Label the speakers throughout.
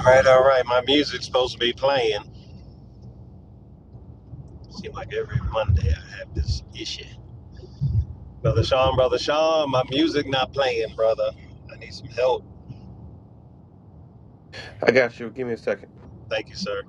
Speaker 1: All right, all right. My music's supposed to be playing. Seems like every Monday I have this issue. Brother Sean, brother Sean, my music not playing, brother. I need some help.
Speaker 2: I got you. Give me a second.
Speaker 1: Thank you, sir.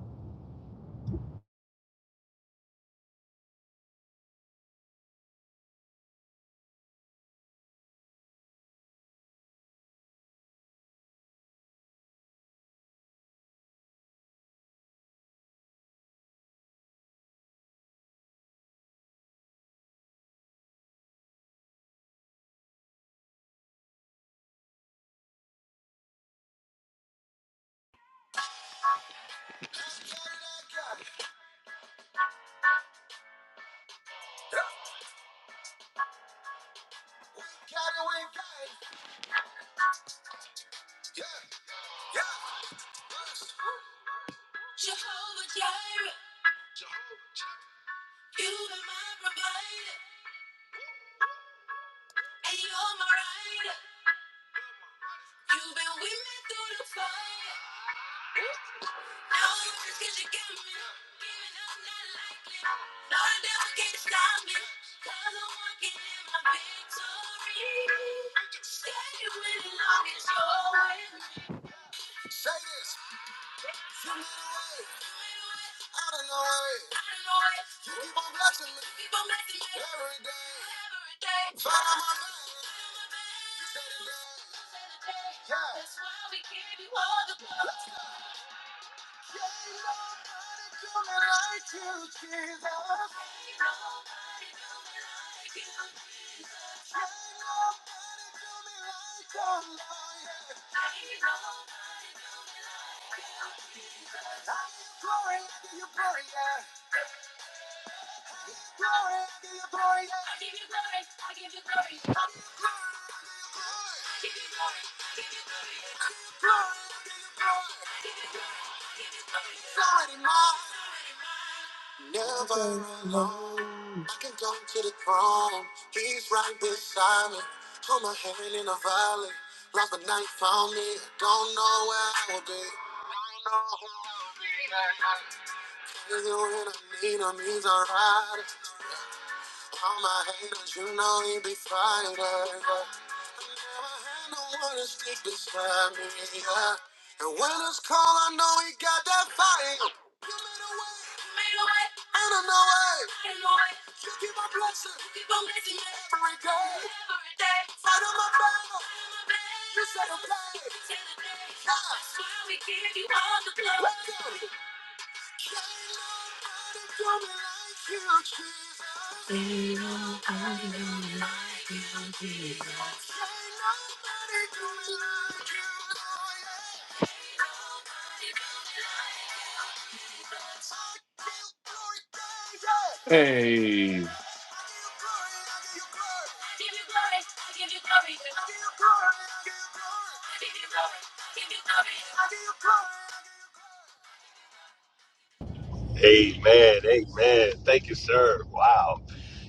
Speaker 1: Amen. Amen. Thank you, sir. Wow.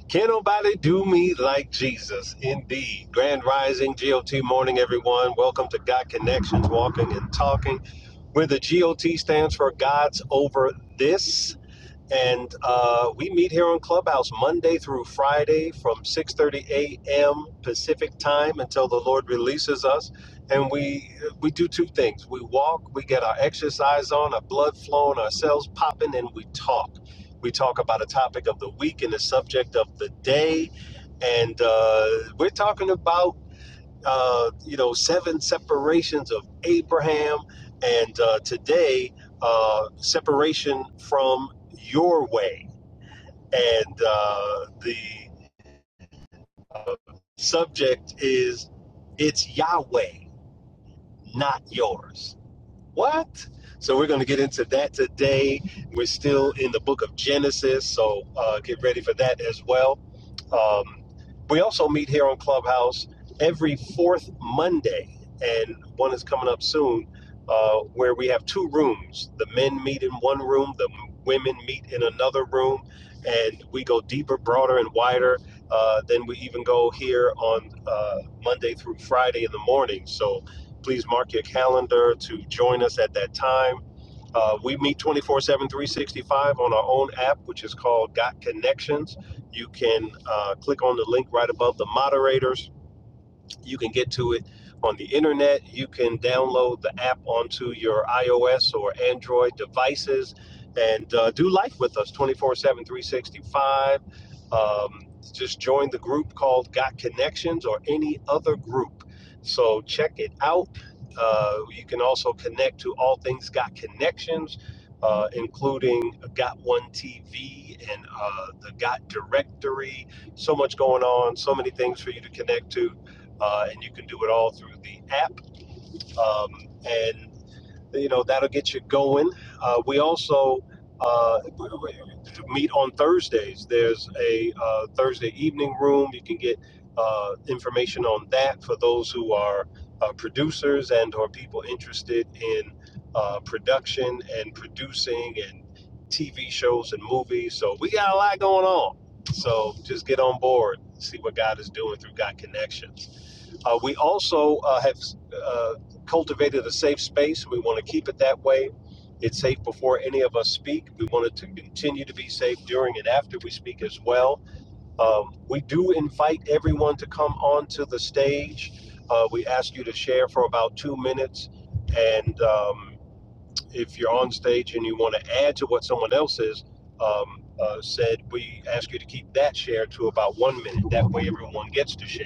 Speaker 1: Can nobody do me like Jesus? Indeed. Grand Rising, GOT morning, everyone. Welcome to God Connections, Walking and Talking, where the GOT stands for God's Over This. and uh, we meet here on Clubhouse Monday through Friday from 6:30 a.m. Pacific time until the Lord releases us. And we we do two things: we walk, we get our exercise on, our blood flowing, our cells popping, and we talk. We talk about a topic of the week and the subject of the day, and uh, we're talking about uh, you know, seven separations of Abraham, and uh, today, uh, separation from your way. And uh, the subject is it's Yahweh, not yours. What? So we're going to get into that today. We're still in the book of Genesis, so uh, get ready for that as well. Um, we also meet here on Clubhouse every fourth Monday, and one is coming up soon uh, where we have two rooms. The men meet in one room, the women meet in another room, and we go deeper, broader, and wider. Uh, then we even go here on uh, Monday through Friday in the morning. So Please mark your calendar to join us at that time. Uh, we meet 24 7, 365 on our own app, which is called Got Connections. You can uh, click on the link right above the moderators you can get to it on the internet. You can download the app onto your iOS or Android devices and uh, do life with us 24 7, 365. Um, just join the group called Got Connections or any other group. So check it out. Uh, you can also connect to all things Got Connections, uh, including Got One TV and uh, the Got Directory. So much going on, so many things for you to connect to uh, and you can do it all through the app. Um, and you know that'll get you going. Uh, we also uh, meet on Thursdays. There's a uh, Thursday evening room. You can get uh, information on that for those who are uh, producers and or people interested in uh, production and producing and TV shows and movies. So we got a lot going on. So just get on board, see what God is doing through God Connections. Uh, we also uh, have uh, cultivated a safe space. We want to keep it that way. It's safe before any of us speak. We want it to continue to be safe during and after we speak as well. Um, we do invite everyone to come onto the stage. Uh, we ask you to share for about two minutes. And um, if you're on stage and you want to add to what someone else is, um, uh, said, we ask you to keep that share to about one minute. That way, everyone gets to share.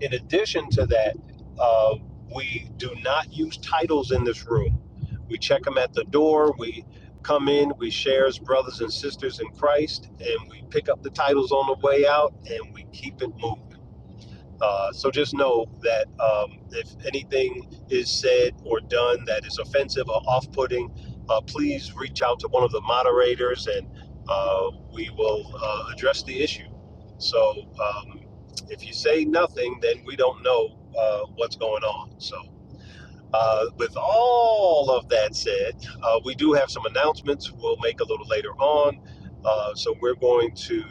Speaker 1: In addition to that, uh, we do not use titles in this room. We check them at the door. We come in, we share as brothers and sisters in Christ, and we pick up the titles on the way out, and we keep it moving. Uh, so just know that um, if anything is said or done that is offensive or off-putting, uh, please reach out to one of the moderators, and uh, we will uh, address the issue. So um, if you say nothing, then we don't know uh, what's going on. So uh, with all of that said, uh, we do have some announcements we'll make a little later on. Uh, so we're going to,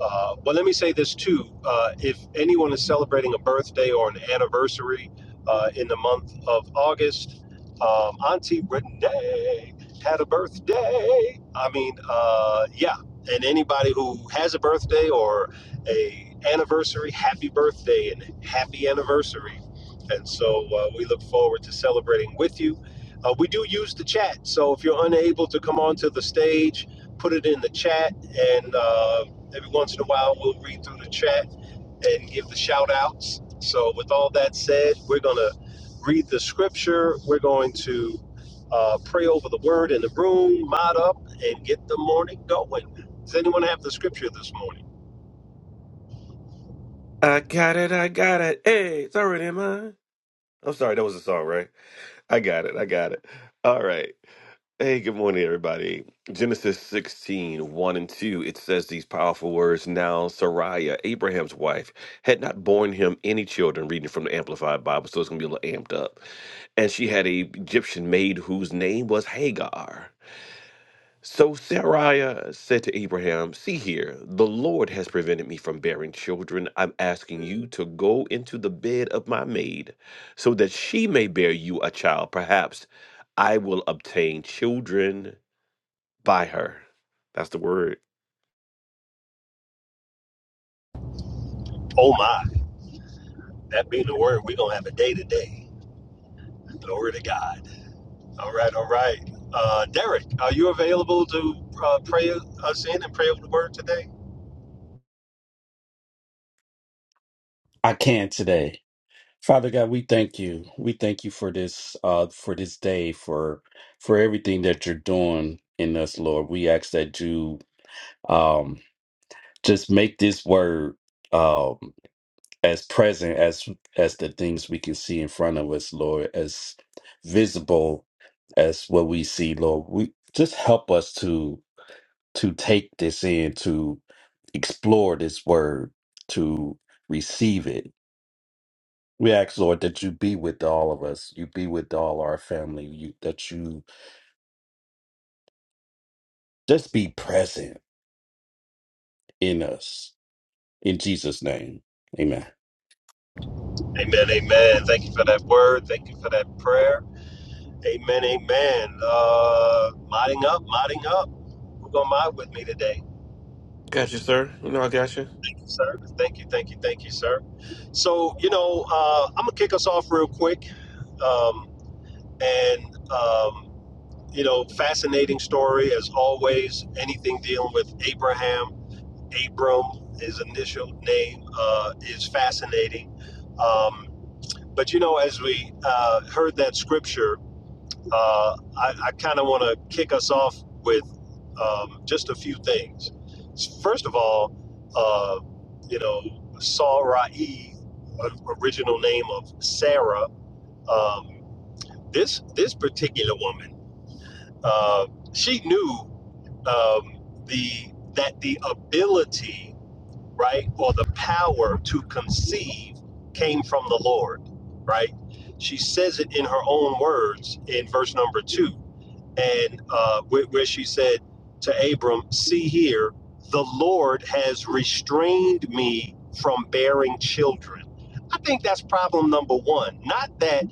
Speaker 1: uh, well, let me say this too. Uh, if anyone is celebrating a birthday or an anniversary uh, in the month of August, um, Auntie Renee had a birthday. I mean, uh, yeah. And anybody who has a birthday or a anniversary, happy birthday and happy anniversary and so uh, we look forward to celebrating with you. Uh, we do use the chat. So if you're unable to come onto the stage, put it in the chat. And uh, every once in a while, we'll read through the chat and give the shout outs. So, with all that said, we're going to read the scripture. We're going to uh, pray over the word in the room, mod up, and get the morning going. Does anyone have the scripture this morning?
Speaker 2: I got it. I got it. Hey, it's already in mine. I'm sorry, that was a song, right? I got it. I got it. All right. Hey, good morning, everybody. Genesis 16, one and 2, it says these powerful words. Now, Sarai, Abraham's wife, had not borne him any children, reading from the Amplified Bible, so it's going to be a little amped up. And she had a Egyptian maid whose name was Hagar. So Sarai said to Abraham, See here, the Lord has prevented me from bearing children. I'm asking you to go into the bed of my maid so that she may bear you a child. Perhaps I will obtain children by her. That's the word.
Speaker 1: Oh, my. That being the word, we're going to have a day today. Glory to God. All right, all right. Uh, Derek, are you available to uh, pray us in and pray over the word today?
Speaker 3: I can today. Father God, we thank you. We thank you for this uh for this day, for for everything that you're doing in us, Lord. We ask that you um just make this word um as present as as the things we can see in front of us, Lord, as visible as what we see, Lord. We just help us to to take this in, to explore this word, to receive it We ask, Lord, that you be with all of us. You be with all our family. You, that you just be present in us. In Jesus' name, amen.
Speaker 1: Amen, amen. Thank you for that word. Thank you for that prayer. Amen, amen. Uh, modding up, modding up. Who gonna mod with me today?
Speaker 2: Got you, sir. You know I got you.
Speaker 1: Thank you, sir. Thank you, thank you, thank you, sir. So, you know, uh, I'm gonna kick us off real quick. Um, and, um, you know, fascinating story as always, anything dealing with Abraham. Abram, his initial name, uh, is fascinating. Um, but you know, as we uh, heard that scripture, uh, I, I kind of want to kick us off with um, just a few things. First of all, uh, you know, Sarai, uh, original name of Sarah, um, this this particular woman, uh, she knew um, the that the ability right? Or the power to conceive came from the Lord, right? She says it in her own words in verse number two, and uh, where, where she said to Abram, See here, the Lord has restrained me from bearing children. I think that's problem number one. Not that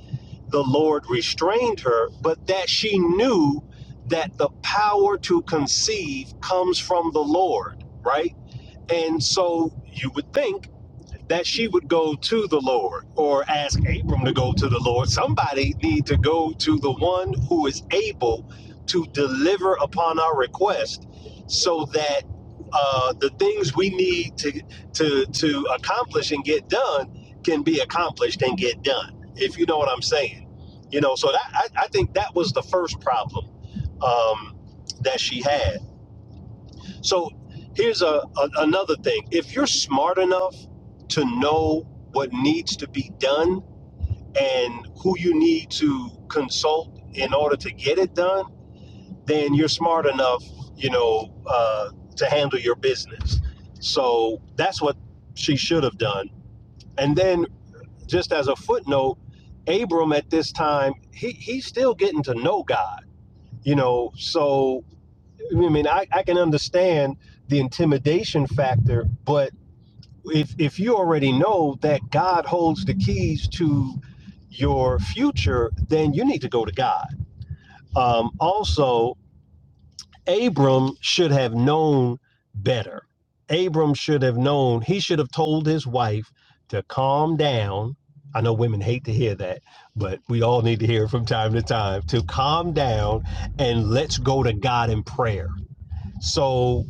Speaker 1: the Lord restrained her, but that she knew that the power to conceive comes from the Lord, right? And so you would think that she would go to the Lord or ask Abram to go to the Lord. Somebody need to go to the one who is able to deliver upon our request so that uh, the things we need to, to, to accomplish and get done can be accomplished and get done, if you know what I'm saying. You know, so that, I, I think that was the first problem um, that she had. So here's a, a another thing. If you're smart enough to know what needs to be done and who you need to consult in order to get it done, then you're smart enough, you know, uh, to handle your business. So that's what she should have done. And then, just as a footnote, Abram at this time he he's still getting to know God, you know. So I mean, I, I can understand the intimidation factor, but if if you already know that God holds the keys to your future, then you need to go to God. Um, also, Abram should have known better. Abram should have known. He should have told his wife to calm down. I know women hate to hear that, but we all need to hear it from time to time to calm down and let's go to God in prayer. So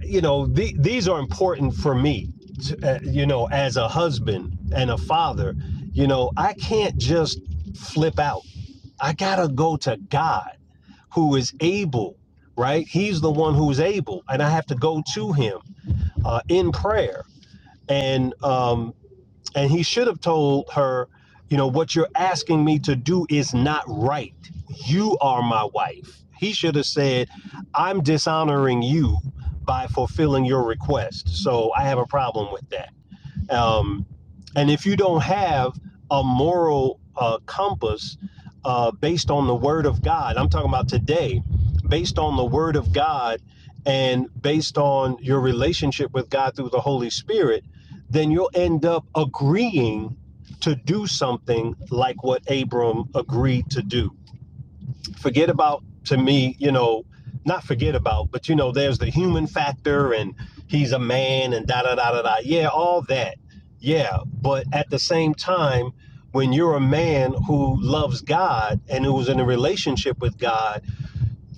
Speaker 1: you know, the, these are important for me, to, uh, you know, as a husband and a father. You know, I can't just flip out. I got to go to God who is able, right? He's the one who's able. And I have to go to him uh, in prayer. And, um, and he should have told her, you know, what you're asking me to do is not right. You are my wife. He should have said, I'm dishonoring you by fulfilling your request. So I have a problem with that. Um, and if you don't have a moral uh, compass uh, based on the word of God, I'm talking about today, based on the word of God and based on your relationship with God through the Holy Spirit, then you'll end up agreeing to do something like what Abram agreed to do forget about to me you know not forget about but you know there's the human factor and he's a man and da da da da da yeah all that yeah but at the same time when you're a man who loves god and who's in a relationship with god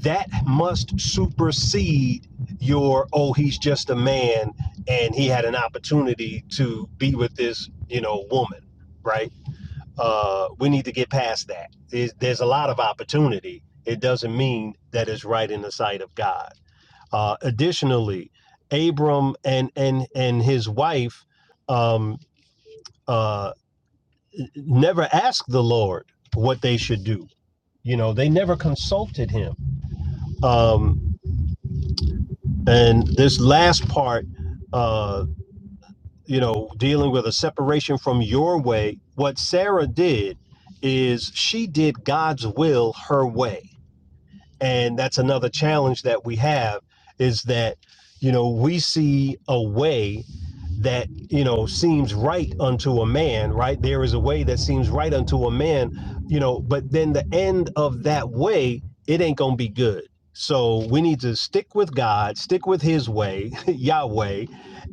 Speaker 1: that must supersede your oh he's just a man and he had an opportunity to be with this you know woman right uh, we need to get past that. There's, there's a lot of opportunity. It doesn't mean that it's right in the sight of God. Uh, additionally, Abram and and and his wife um, uh, never asked the Lord what they should do. You know, they never consulted him. Um, and this last part, uh, you know, dealing with a separation from your way, what Sarah did is she did God's will her way and that's another challenge that we have is that you know we see a way that you know seems right unto a man right there is a way that seems right unto a man you know but then the end of that way it ain't gonna be good so we need to stick with god stick with his way yahweh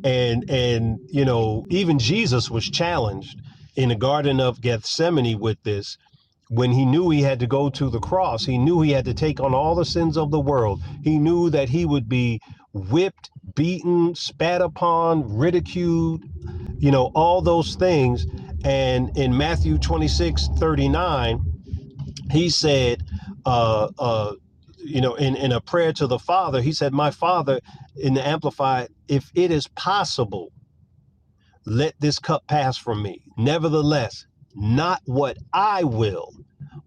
Speaker 1: and and you know even jesus was challenged in the garden of gethsemane with this when he knew he had to go to the cross, he knew he had to take on all the sins of the world. He knew that he would be whipped, beaten, spat upon, ridiculed, you know, all those things. And in Matthew 26 39, he said, uh, uh, you know, in, in a prayer to the Father, he said, My Father, in the Amplified, if it is possible, let this cup pass from me. Nevertheless, not what I will,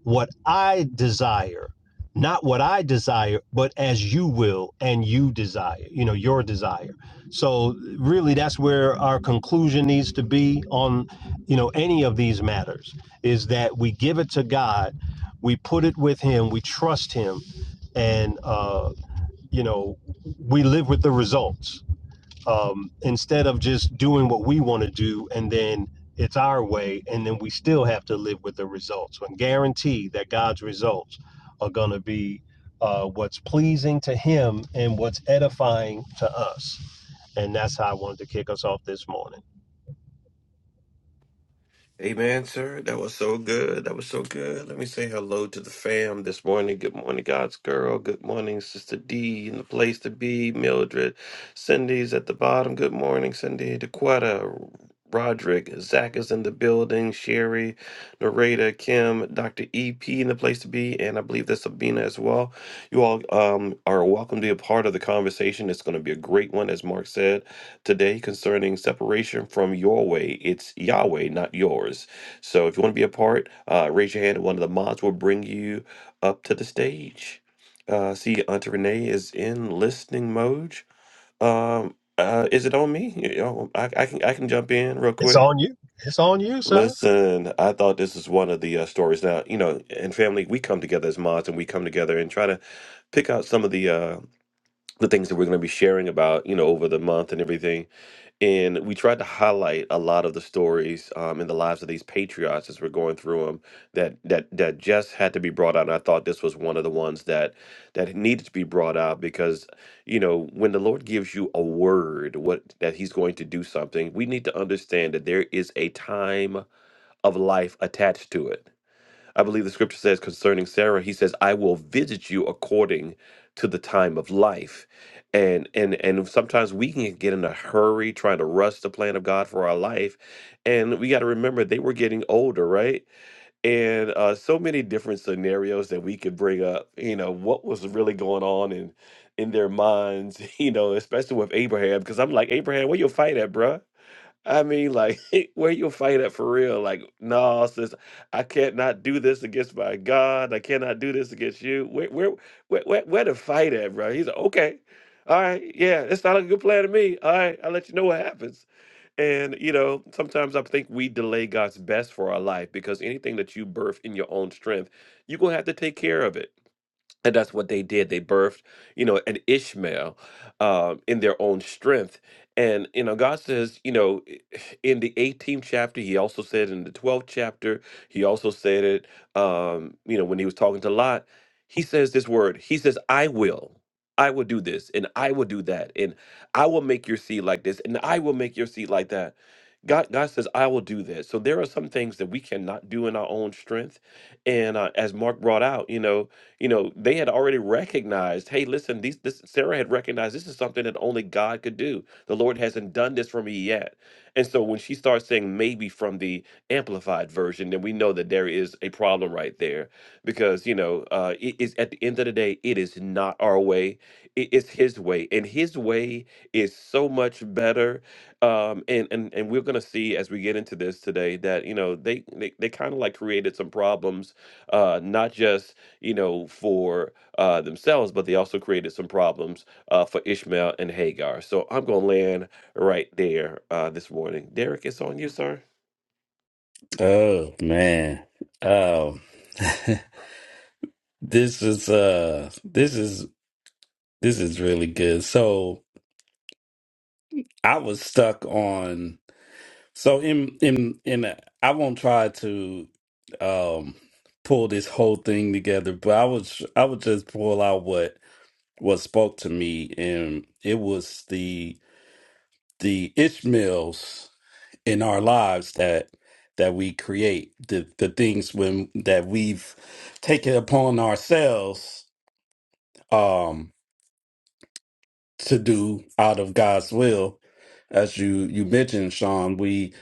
Speaker 1: what I desire, not what I desire, but as you will and you desire, you know, your desire. So, really, that's where our conclusion needs to be on, you know, any of these matters is that we give it to God, we put it with Him, we trust Him, and, uh, you know, we live with the results um, instead of just doing what we want to do and then it's our way and then we still have to live with the results and guarantee that god's results are going to be uh, what's pleasing to him and what's edifying to us and that's how i wanted to kick us off this morning
Speaker 2: Amen, sir. That was so good. That was so good. Let me say hello to the fam this morning. Good morning, God's girl. Good morning, Sister D in the place to be. Mildred, Cindy's at the bottom. Good morning, Cindy. DeQuetta, Roderick, Zach is in the building. Sherry, Narada, Kim, Dr. EP in the place to be, and I believe that's Sabina as well. You all um, are welcome to be a part of the conversation. It's going to be a great one, as Mark said today concerning separation from your way. It's Yahweh, not yours. So if you want to be a part, uh, raise your hand. and One of the mods will bring you up to the stage. Uh, see, Auntie Renee is in listening mode. Um, uh, is it on me? You know, I, I can I can jump in real
Speaker 1: it's
Speaker 2: quick.
Speaker 1: on you it's on you sir
Speaker 2: Listen, I thought this is one of the uh, stories. Now, you know, and family, we come together as mods, and we come together and try to pick out some of the uh, the things that we're going to be sharing about, you know, over the month and everything and we tried to highlight a lot of the stories um, in the lives of these patriots as we're going through them that that that just had to be brought out. And I thought this was one of the ones that that needed to be brought out because you know when the Lord gives you a word, what that He's going to do something, we need to understand that there is a time of life attached to it I believe the scripture says concerning Sarah, he says, I will visit you according to the time of life. And and and sometimes we can get in a hurry trying to rush the plan of God for our life. And we got to remember they were getting older, right? And uh, so many different scenarios that we could bring up, you know, what was really going on in in their minds, you know, especially with Abraham. Cause I'm like, Abraham, where your fight at, bruh? I mean, like, where you fight at for real? Like, no, sis, I can't not do this against my God. I cannot do this against you. Where, where, where, where, where to fight at, bro? He's like, okay, all right, yeah, it's not a good plan to me. All right, I'll let you know what happens. And you know, sometimes I think we delay God's best for our life because anything that you birth in your own strength, you're gonna have to take care of it and that's what they did they birthed you know an ishmael um, in their own strength and you know god says you know i- in the 18th chapter he also said in the 12th chapter he also said it um, you know when he was talking to lot he says this word he says i will i will do this and i will do that and i will make your seed like this and i will make your seed like that god god says i will do this so there are some things that we cannot do in our own strength and uh, as mark brought out you know you know they had already recognized hey listen these this sarah had recognized this is something that only god could do the lord hasn't done this for me yet and so when she starts saying maybe from the amplified version then we know that there is a problem right there because you know uh it is at the end of the day it is not our way it is his way and his way is so much better um and and, and we're gonna see as we get into this today that you know they they, they kind of like created some problems uh not just you know, for uh, themselves, but they also created some problems uh, for Ishmael and Hagar. So I'm going to land right there uh, this morning. Derek, it's on you, sir.
Speaker 3: Oh man. Um this is uh this is This is really good. So I was stuck on so in in in a- I won't try to um pull this whole thing together, but I was I would just pull out what what spoke to me and it was the the Ishmaels in our lives that that we create the the things when that we've taken upon ourselves um, to do out of God's will, as you you mentioned, Sean, we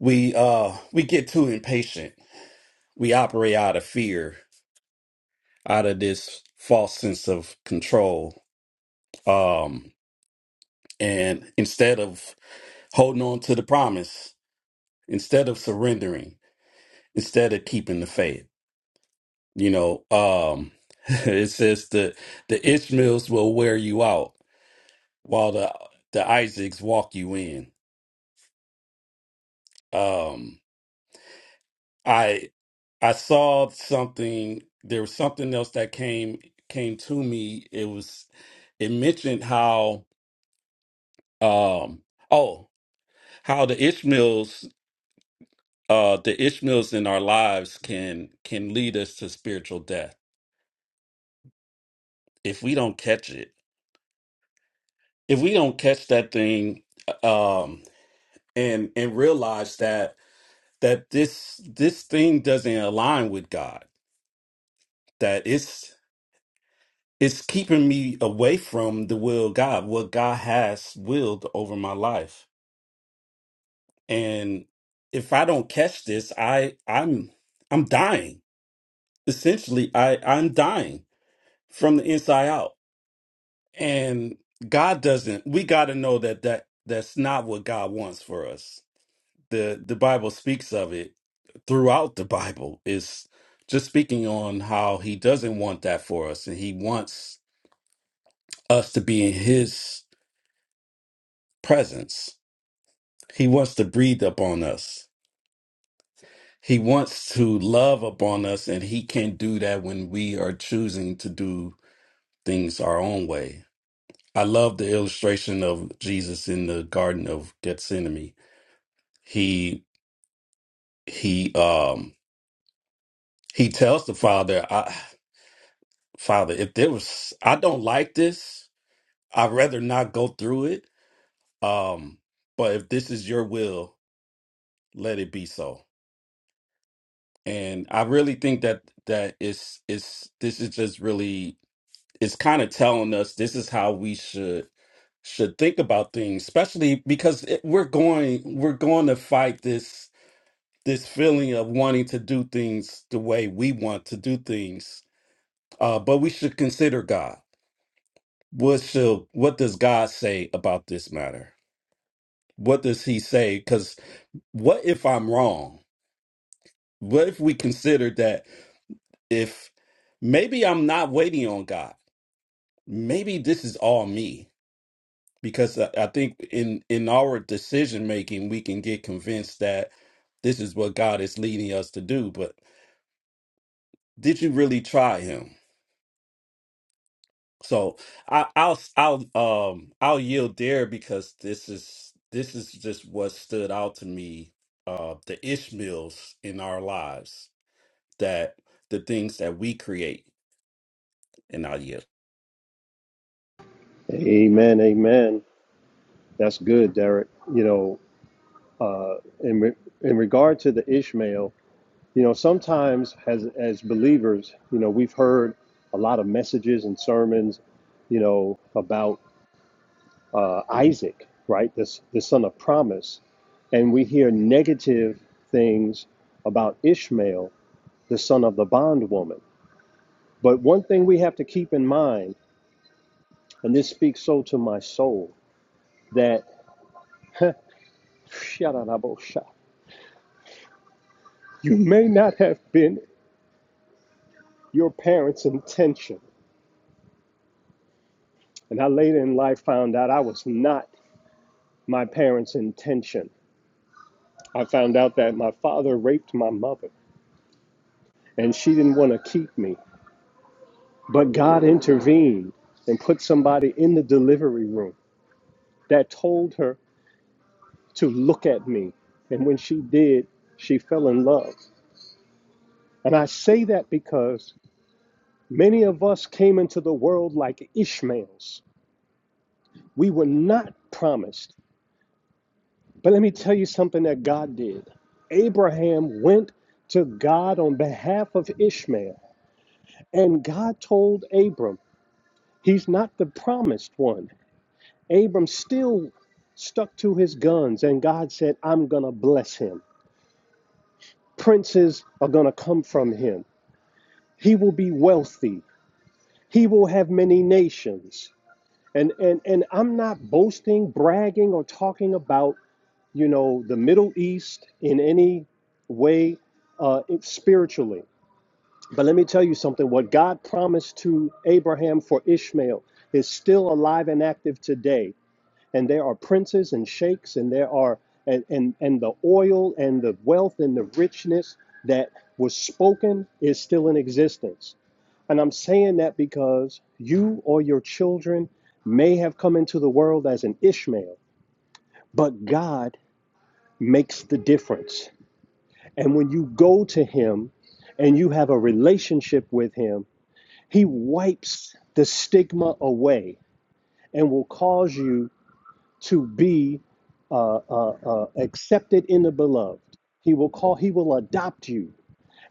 Speaker 3: we uh we get too impatient. We operate out of fear, out of this false sense of control. Um and instead of holding on to the promise, instead of surrendering, instead of keeping the faith. You know, um it says the the Ishmaels will wear you out while the the Isaacs walk you in. Um I I saw something. There was something else that came came to me. It was it mentioned how um oh how the Ishmaels uh the Ishmaels in our lives can can lead us to spiritual death if we don't catch it. If we don't catch that thing uh, um and and realize that that this this thing doesn't align with God. That it's it's keeping me away from the will of God, what God has willed over my life. And if I don't catch this, I I'm I'm dying. Essentially, I I'm dying from the inside out. And God doesn't. We got to know that that that's not what God wants for us. The the Bible speaks of it throughout the Bible is just speaking on how he doesn't want that for us and he wants us to be in his presence He wants to breathe upon us. He wants to love upon us, and he can't do that when we are choosing to do things our own way. I love the illustration of Jesus in the Garden of Gethsemane. He he um he tells the Father, I, Father, if there was I don't like this, I'd rather not go through it. Um, but if this is your will, let it be so and i really think that that is is this is just really is kind of telling us this is how we should should think about things, especially because it, we're going we're going to fight this this feeling of wanting to do things the way we want to do things. Uh, but we should consider God. What should what does God say about this matter? What does He say? Because what if I'm wrong? What if we consider that if maybe I'm not waiting on God? Maybe this is all me because I I think in in our decision making we can get convinced that this is what God is leading us to do. But did you really try Him? So I, I'll I'll um I'll yield there because this is this is just what stood out to me. Uh, the Ishmaels in our lives that the things that we create, and I'll yield.
Speaker 1: Amen. Amen. That's good, Derek. You know, uh, in re- in regard to the Ishmael, you know, sometimes as as believers, you know, we've heard a lot of messages and sermons, you know, about uh, Isaac, right? This the son of promise, and we hear negative things about Ishmael, the son of the bondwoman. But one thing we have to keep in mind, and this speaks so to my soul, that you may not have been your parents' intention. And I later in life found out I was not my parents' intention. I found out that my father raped my mother and she didn't want to keep me. But God intervened and put somebody in the delivery room that told her to look at me. And when she did, she fell in love. And I say that because many of us came into the world like Ishmaels. We were not promised. But let me tell you something that God did. Abraham went to God on behalf of Ishmael, and God told Abram, He's not the promised one. Abram still stuck to his guns, and God said, I'm going to bless him. Princes are going to come from him. He will be wealthy, he will have many nations. And, and, and I'm not boasting, bragging, or talking about you know, the Middle East in any way uh, spiritually. But let me tell you something what God promised to Abraham for Ishmael is still alive and active today. And there are princes and sheikhs, and there are, and, and, and the oil and the wealth and the richness that was spoken is still in existence. And I'm saying that because you or your children may have come into the world as an Ishmael, but God makes the difference. And when you go to him and you have a relationship with him, he wipes the stigma away and will cause you to be uh, uh, uh, accepted in the beloved. He will call, he will adopt you,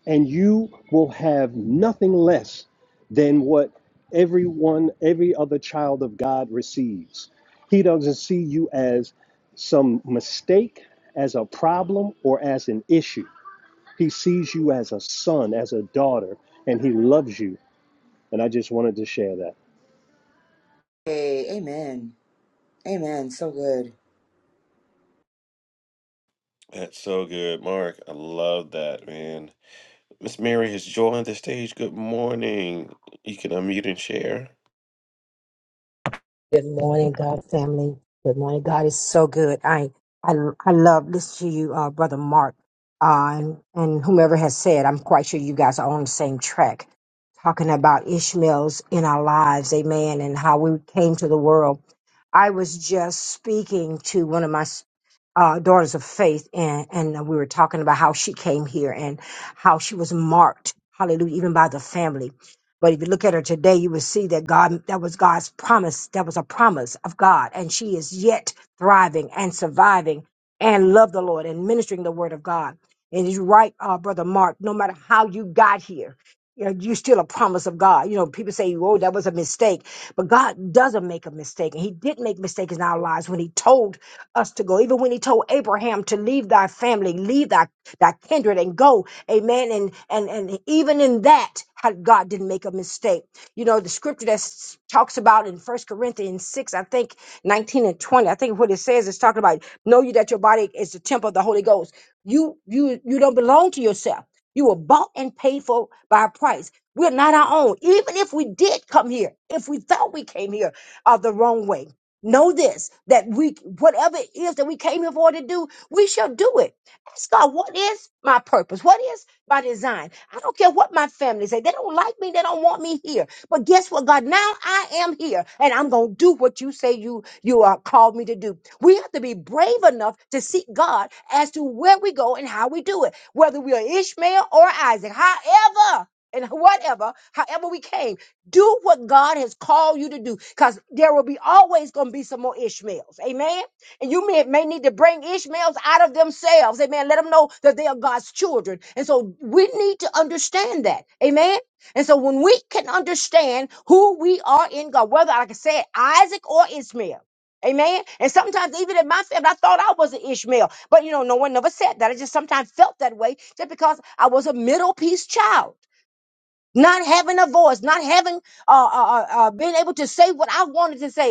Speaker 1: and you will have nothing less than what everyone, every other child of God receives. He doesn't see you as some mistake, as a problem, or as an issue. He sees you as a son, as a daughter, and he loves you. And I just wanted to share that.
Speaker 4: Hey, amen. Amen. So good.
Speaker 2: That's so good, Mark. I love that, man. Miss Mary has joined the stage. Good morning. You can unmute and share.
Speaker 5: Good morning, God family. Good morning. God is so good. I I I love listening to you, uh, brother Mark, uh, and, and whomever has said. I'm quite sure you guys are on the same track, talking about Ishmael's in our lives, Amen, and how we came to the world I was just speaking to one of my uh, daughters of faith, and, and we were talking about how she came here and how she was marked, hallelujah, even by the family. But if you look at her today, you will see that God, that was God's promise. That was a promise of God. And she is yet thriving and surviving and love the Lord and ministering the word of God. And you're right, uh, Brother Mark, no matter how you got here, you know, you're still a promise of God. You know, people say, oh, that was a mistake but God doesn't make a mistake. And He did make mistakes in our lives when He told us to go, even when He told Abraham to leave thy family, leave thy, thy kindred and go. Amen. And, and, and even in that, how God didn't make a mistake. You know, the scripture that s- talks about in First Corinthians 6, I think 19 and 20, I think what it says is talking about know you that your body is the temple of the Holy Ghost. You you you don't belong to yourself. You were bought and paid for by a price. We're not our own. Even if we did come here, if we felt we came here uh, the wrong way, know this that we, whatever it is that we came here for to do, we shall do it. Ask God, what is my purpose? What is my design? I don't care what my family say. They don't like me. They don't want me here. But guess what, God? Now I am here and I'm going to do what you say you, you uh, called me to do. We have to be brave enough to seek God as to where we go and how we do it, whether we are Ishmael or Isaac, however and whatever, however we came, do what God has called you to do because there will be always going to be some more Ishmaels. Amen. And you may, may need to bring Ishmaels out of themselves. Amen. Let them know that they are God's children. And so we need to understand that. Amen. And so when we can understand who we are in God, whether, like I said, Isaac or Ishmael. Amen. And sometimes, even in my family, I thought I was an Ishmael. But you know, no one never said that. I just sometimes felt that way just because I was a Middle Peace child not having a voice, not having uh, uh, uh, uh, being able to say what I wanted to say,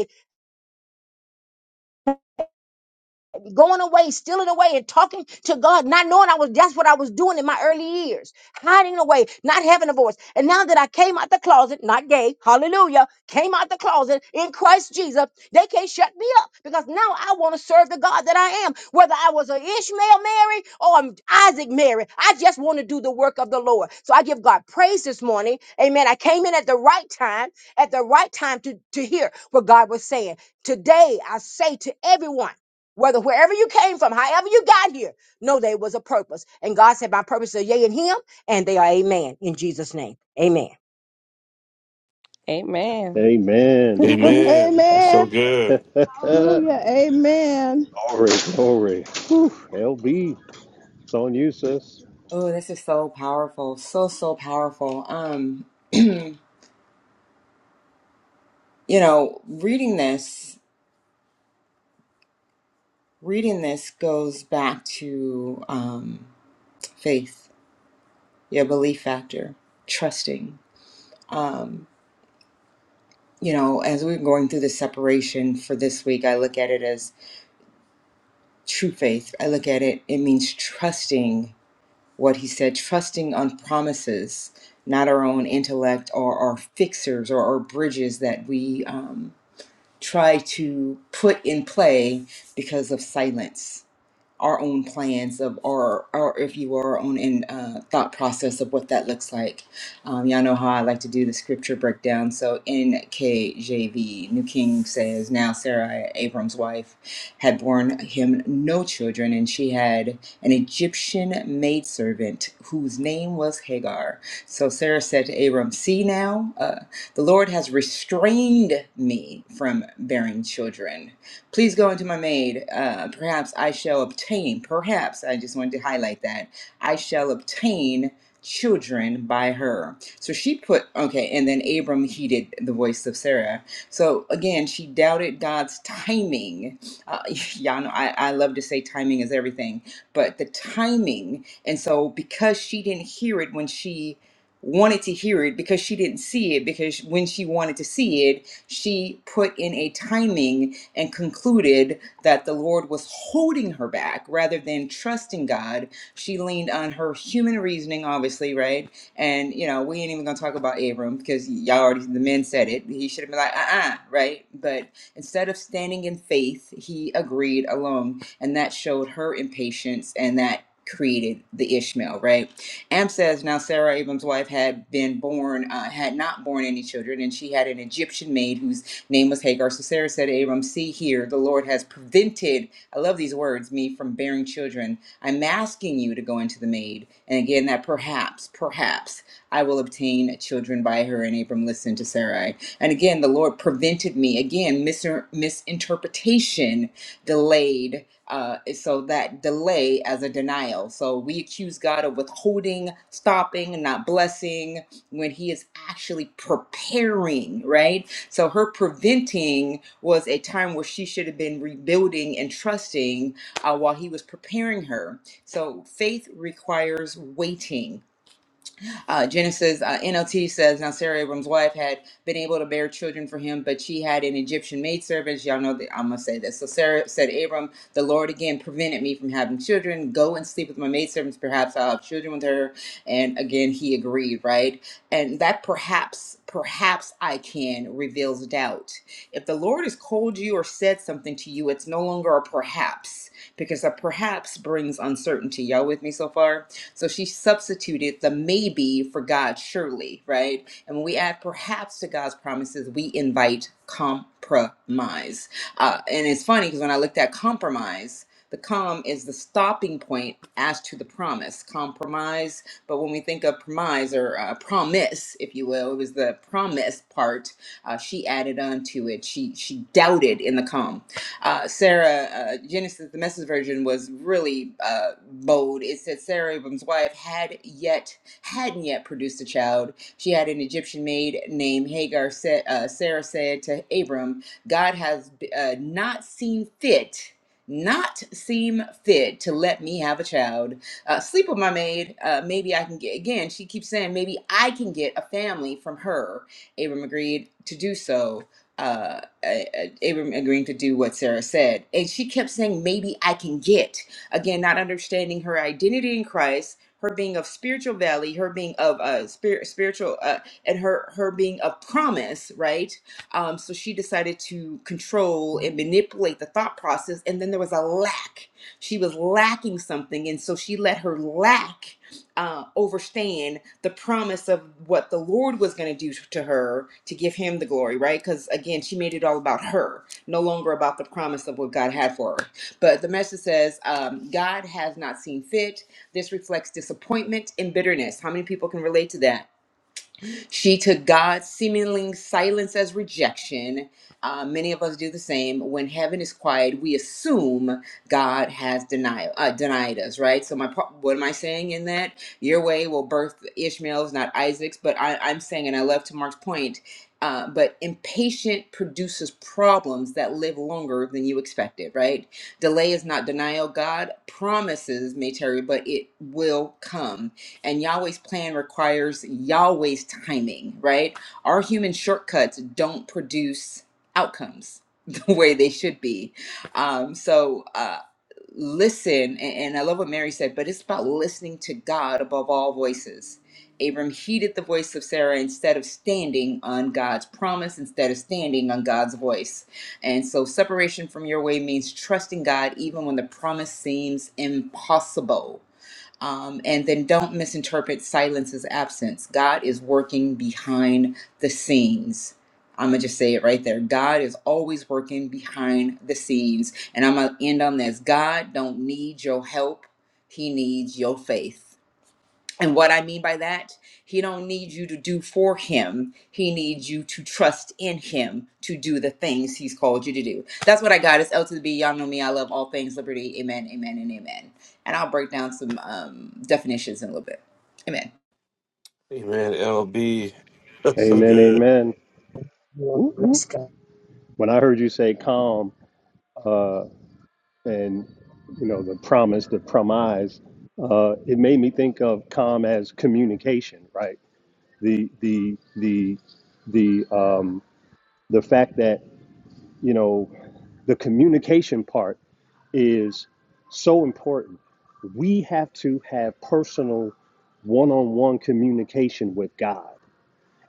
Speaker 5: going away, stealing away, and talking to God, not knowing I was that's what I was doing in my early years, hiding away, not having a voice. And now that I came out the closet, not gay, hallelujah, came out the closet in Christ Jesus, they can't shut me up because now I want to serve the God that I am. Whether I was an Ishmael Mary or an Isaac Mary, I just want to do the work of the Lord. So I give God praise this morning. Amen. I came in at the right time, at the right time to, to hear what God was saying. Today, I say to everyone, whether wherever you came from, however you got here, know there was a purpose. And God said, My purpose is yea in him, and they are amen. In Jesus' name. Amen.
Speaker 6: Amen.
Speaker 1: Amen. Woo, woo.
Speaker 2: Amen. It's so
Speaker 7: Amen.
Speaker 2: good.
Speaker 1: glory,
Speaker 7: Hallelujah. Amen.
Speaker 1: glory. Woo. LB, it's on you, sis.
Speaker 4: Oh, this is so powerful. So, so powerful. Um, you know, reading this, reading this goes back to um faith, your belief factor, trusting. Um, you know, as we're going through the separation for this week, I look at it as true faith. I look at it, it means trusting what he said, trusting on promises, not our own intellect or our fixers or our bridges that we um, try to put in play because of silence our own plans of our, our if you are, our own in, uh, thought process of what that looks like. Um, y'all know how I like to do the scripture breakdown. So NKJV, New King says, Now Sarah, Abram's wife, had borne him no children, and she had an Egyptian maidservant whose name was Hagar. So Sarah said to Abram, See now, uh, the Lord has restrained me from bearing children. Please go unto my maid. Uh, perhaps I shall obtain, perhaps, I just wanted to highlight that, I shall obtain children by her. So she put, okay, and then Abram heeded the voice of Sarah. So again, she doubted God's timing. Uh, y'all know I, I love to say timing is everything, but the timing. And so because she didn't hear it when she wanted to hear it because she didn't see it because when she wanted to see it she put in a timing and concluded that the Lord was holding her back rather than trusting God. She leaned on her human reasoning, obviously, right? And, you know, we ain't even gonna talk about Abram because y'all already, the men said it. He should have been like, uh uh right? But instead of standing in faith, he agreed alone. And that showed her impatience and that created the Ishmael, right? Am says now Sarah Abram's wife had been born, uh, had not born any children, and she had an Egyptian maid whose Name was Hagar. So Sarah said to Abram, See here, the Lord has prevented, I love these words, me from bearing children. I'm asking you to go into the maid. And again, that perhaps, perhaps I will obtain children by her. And Abram listened to Sarai. And again, the Lord prevented me. Again, mis- misinterpretation delayed. Uh, so that delay as a denial. So we accuse God of withholding, stopping, not blessing when He is actually preparing, right? So her preventing was a time where she should have been rebuilding and trusting uh, while he was preparing her. So faith requires waiting uh, Genesis uh, NLT says now Sarah Abram's wife had been able to bear children for him, but she had an Egyptian maidservant. Y'all know that I'm gonna say this. So Sarah said, Abram, the Lord again prevented me from having children. Go and sleep with my maidservants. Perhaps I'll have children with her. And again, he agreed, right? And that perhaps, perhaps I can reveals doubt. If the Lord has called you or said something to you, it's no longer a perhaps because that perhaps brings uncertainty. Y'all with me so far? So she substituted the maybe for God surely, right? And when we add perhaps to God's promises, we invite compromise. Uh, and it's funny because when I looked at compromise, the com is the stopping point as attached to the promise, compromise. But when we think of promise or uh, promise, if you will, it was the promise part. Uh, she added on to it. She she doubted in the com. Uh, Sarah uh, Genesis, the message version, was really uh, bold. It said Sarah Abram's wife had yet hadn't yet produced a child. She had an Egyptian maid named Hagar. Said uh, Sarah said to Abram, "God has uh, not seen fit." not seem fit to let me have a child. Uh, sleep with my maid. Uh, maybe I can get again. She keeps saying maybe I can get a family from her. Abram agreed to do so. Uh, uh, uh, Abram agreeing to do what Sarah said, and she kept saying maybe I can get again, not understanding her identity in Christ. Her being of spiritual value, her being of uh, spirit, spiritual, uh, and her her being of promise, right? Um, so she decided to control and manipulate the thought process, and then there was a lack she was lacking something, and so she let her lack uh, overstand the promise of what the Lord was going to do to her to give him the glory, right? Because again, she made it all about her, no longer about the promise of what God had for her. But the message says, um, God has not seen fit. This reflects disappointment and bitterness. How many people can relate to that? She took God's seemingly silence as rejection. Uh, many of us do the same. When heaven is quiet, we assume God has denied uh, denied us, right? So, my par- what am I saying in that? Your way will birth Ishmael's, not Isaac's. But I, I'm saying, and I love to Mark's point. Uh, but impatient produces problems that live longer than you expected, right? Delay is not denial. God promises may tarry, but it will come and Yahweh's plan requires Yahweh's timing, right? Our human shortcuts don't produce outcomes the way they should be. Um, so, uh, listen, and, and I love what Mary said, but it's about listening to God above all voices. Abram heeded the voice of Sarah instead of standing on God's promise, instead of standing on God's voice. And so, separation from your way means trusting God even when the promise seems impossible. Um, and then don't misinterpret silence as absence. God is working behind the scenes. I'm going to just say it right there. God is always working behind the scenes. And I'm going to end on this God don't need your help, He needs your faith. And what I mean by that, he don't need you to do for him. He needs you to trust in him to do the things he's called you to do. That's what I got. It's L to the B. Y'all know me. I love all things liberty. Amen, amen, and amen. And I'll break down some um, definitions in a little bit. Amen.
Speaker 2: Amen. LB. That's so
Speaker 1: Amen,
Speaker 2: good.
Speaker 1: amen.
Speaker 5: Lord,
Speaker 1: Woo,
Speaker 5: bless
Speaker 1: woo.
Speaker 5: God.
Speaker 1: When I heard you say calm uh, and, you know, the promise, the promise, uh, it made me think of calm as communication, right? The, the, the, the, um, the fact that, you know, the communication part is so important. We have to have personal one on one communication with God,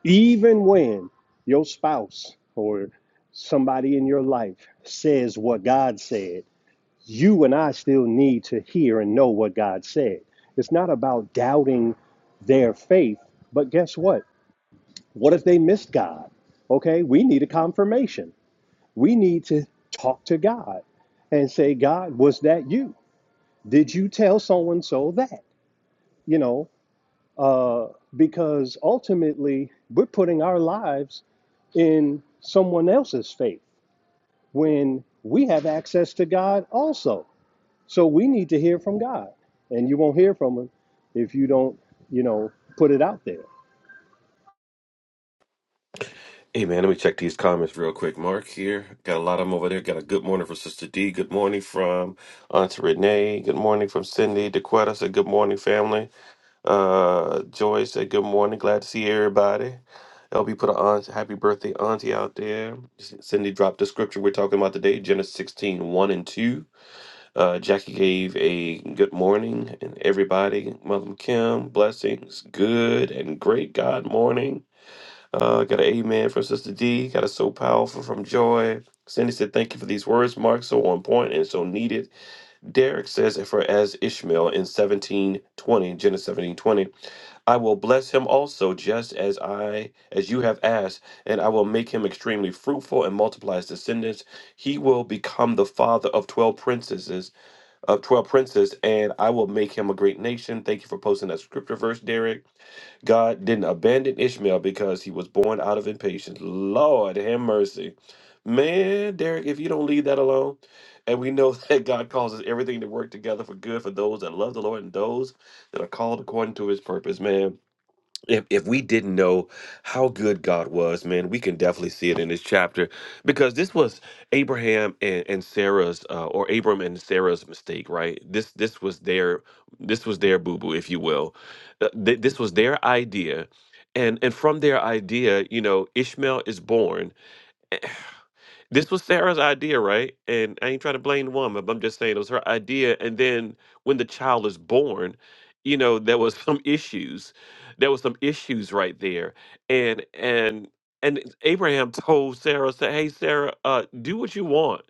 Speaker 1: even when your spouse or somebody in your life says what God said. You and I still need to hear and know what God said. It's not about doubting their faith, but guess what? What if they missed God? Okay, we need a confirmation. We need to talk to God and say, God, was that you? did you tell so and so that you know uh, because ultimately we're putting our lives in someone else's faith when we have access to god also so we need to hear from god and you won't hear from him if you don't you know put it out there
Speaker 2: Hey man, let me check these comments real quick. Mark here. Got a lot of them over there. Got a good morning from Sister D. Good morning from Aunt Renee. Good morning from Cindy. DeQuetta said good morning, family. Uh Joy said good morning. Glad to see everybody. LB put a aunt, happy birthday auntie out there. Cindy dropped the scripture we're talking about today, Genesis sixteen one and 2. Uh, Jackie gave a good morning and everybody, Mother Kim, blessings, good and great God morning. Uh, got an amen from Sister D. Got a so powerful from Joy. Cindy said, "Thank you for these words, Mark. So on point and so needed." Derek says, "And "For as Ishmael in seventeen twenty, Genesis seventeen twenty, I will bless him also, just as I as you have asked, and I will make him extremely fruitful and multiply his descendants. He will become the father of twelve princesses, of twelve princes, and I will make him a great nation." Thank you for posting that scripture verse, Derek. God didn't abandon Ishmael because he was born out of impatience. Lord, have mercy. Man, Derek, if you don't leave that alone, and we know that God causes everything to work together for good for those that love the Lord and those that are called according to his purpose, man if if we didn't know how good God was, man, we can definitely see it in this chapter because this was Abraham and, and Sarah's uh, or Abram and Sarah's mistake, right? This this was their this was their boo boo, if you will. Uh, th- this was their idea, and and from their idea, you know, Ishmael is born. This was Sarah's idea, right? And I ain't trying to blame the woman, but I'm just saying it was her idea. And then when the child is born, you know, there was some issues. There was some issues right there. And and and Abraham told Sarah, said, Hey Sarah, uh, do what you want.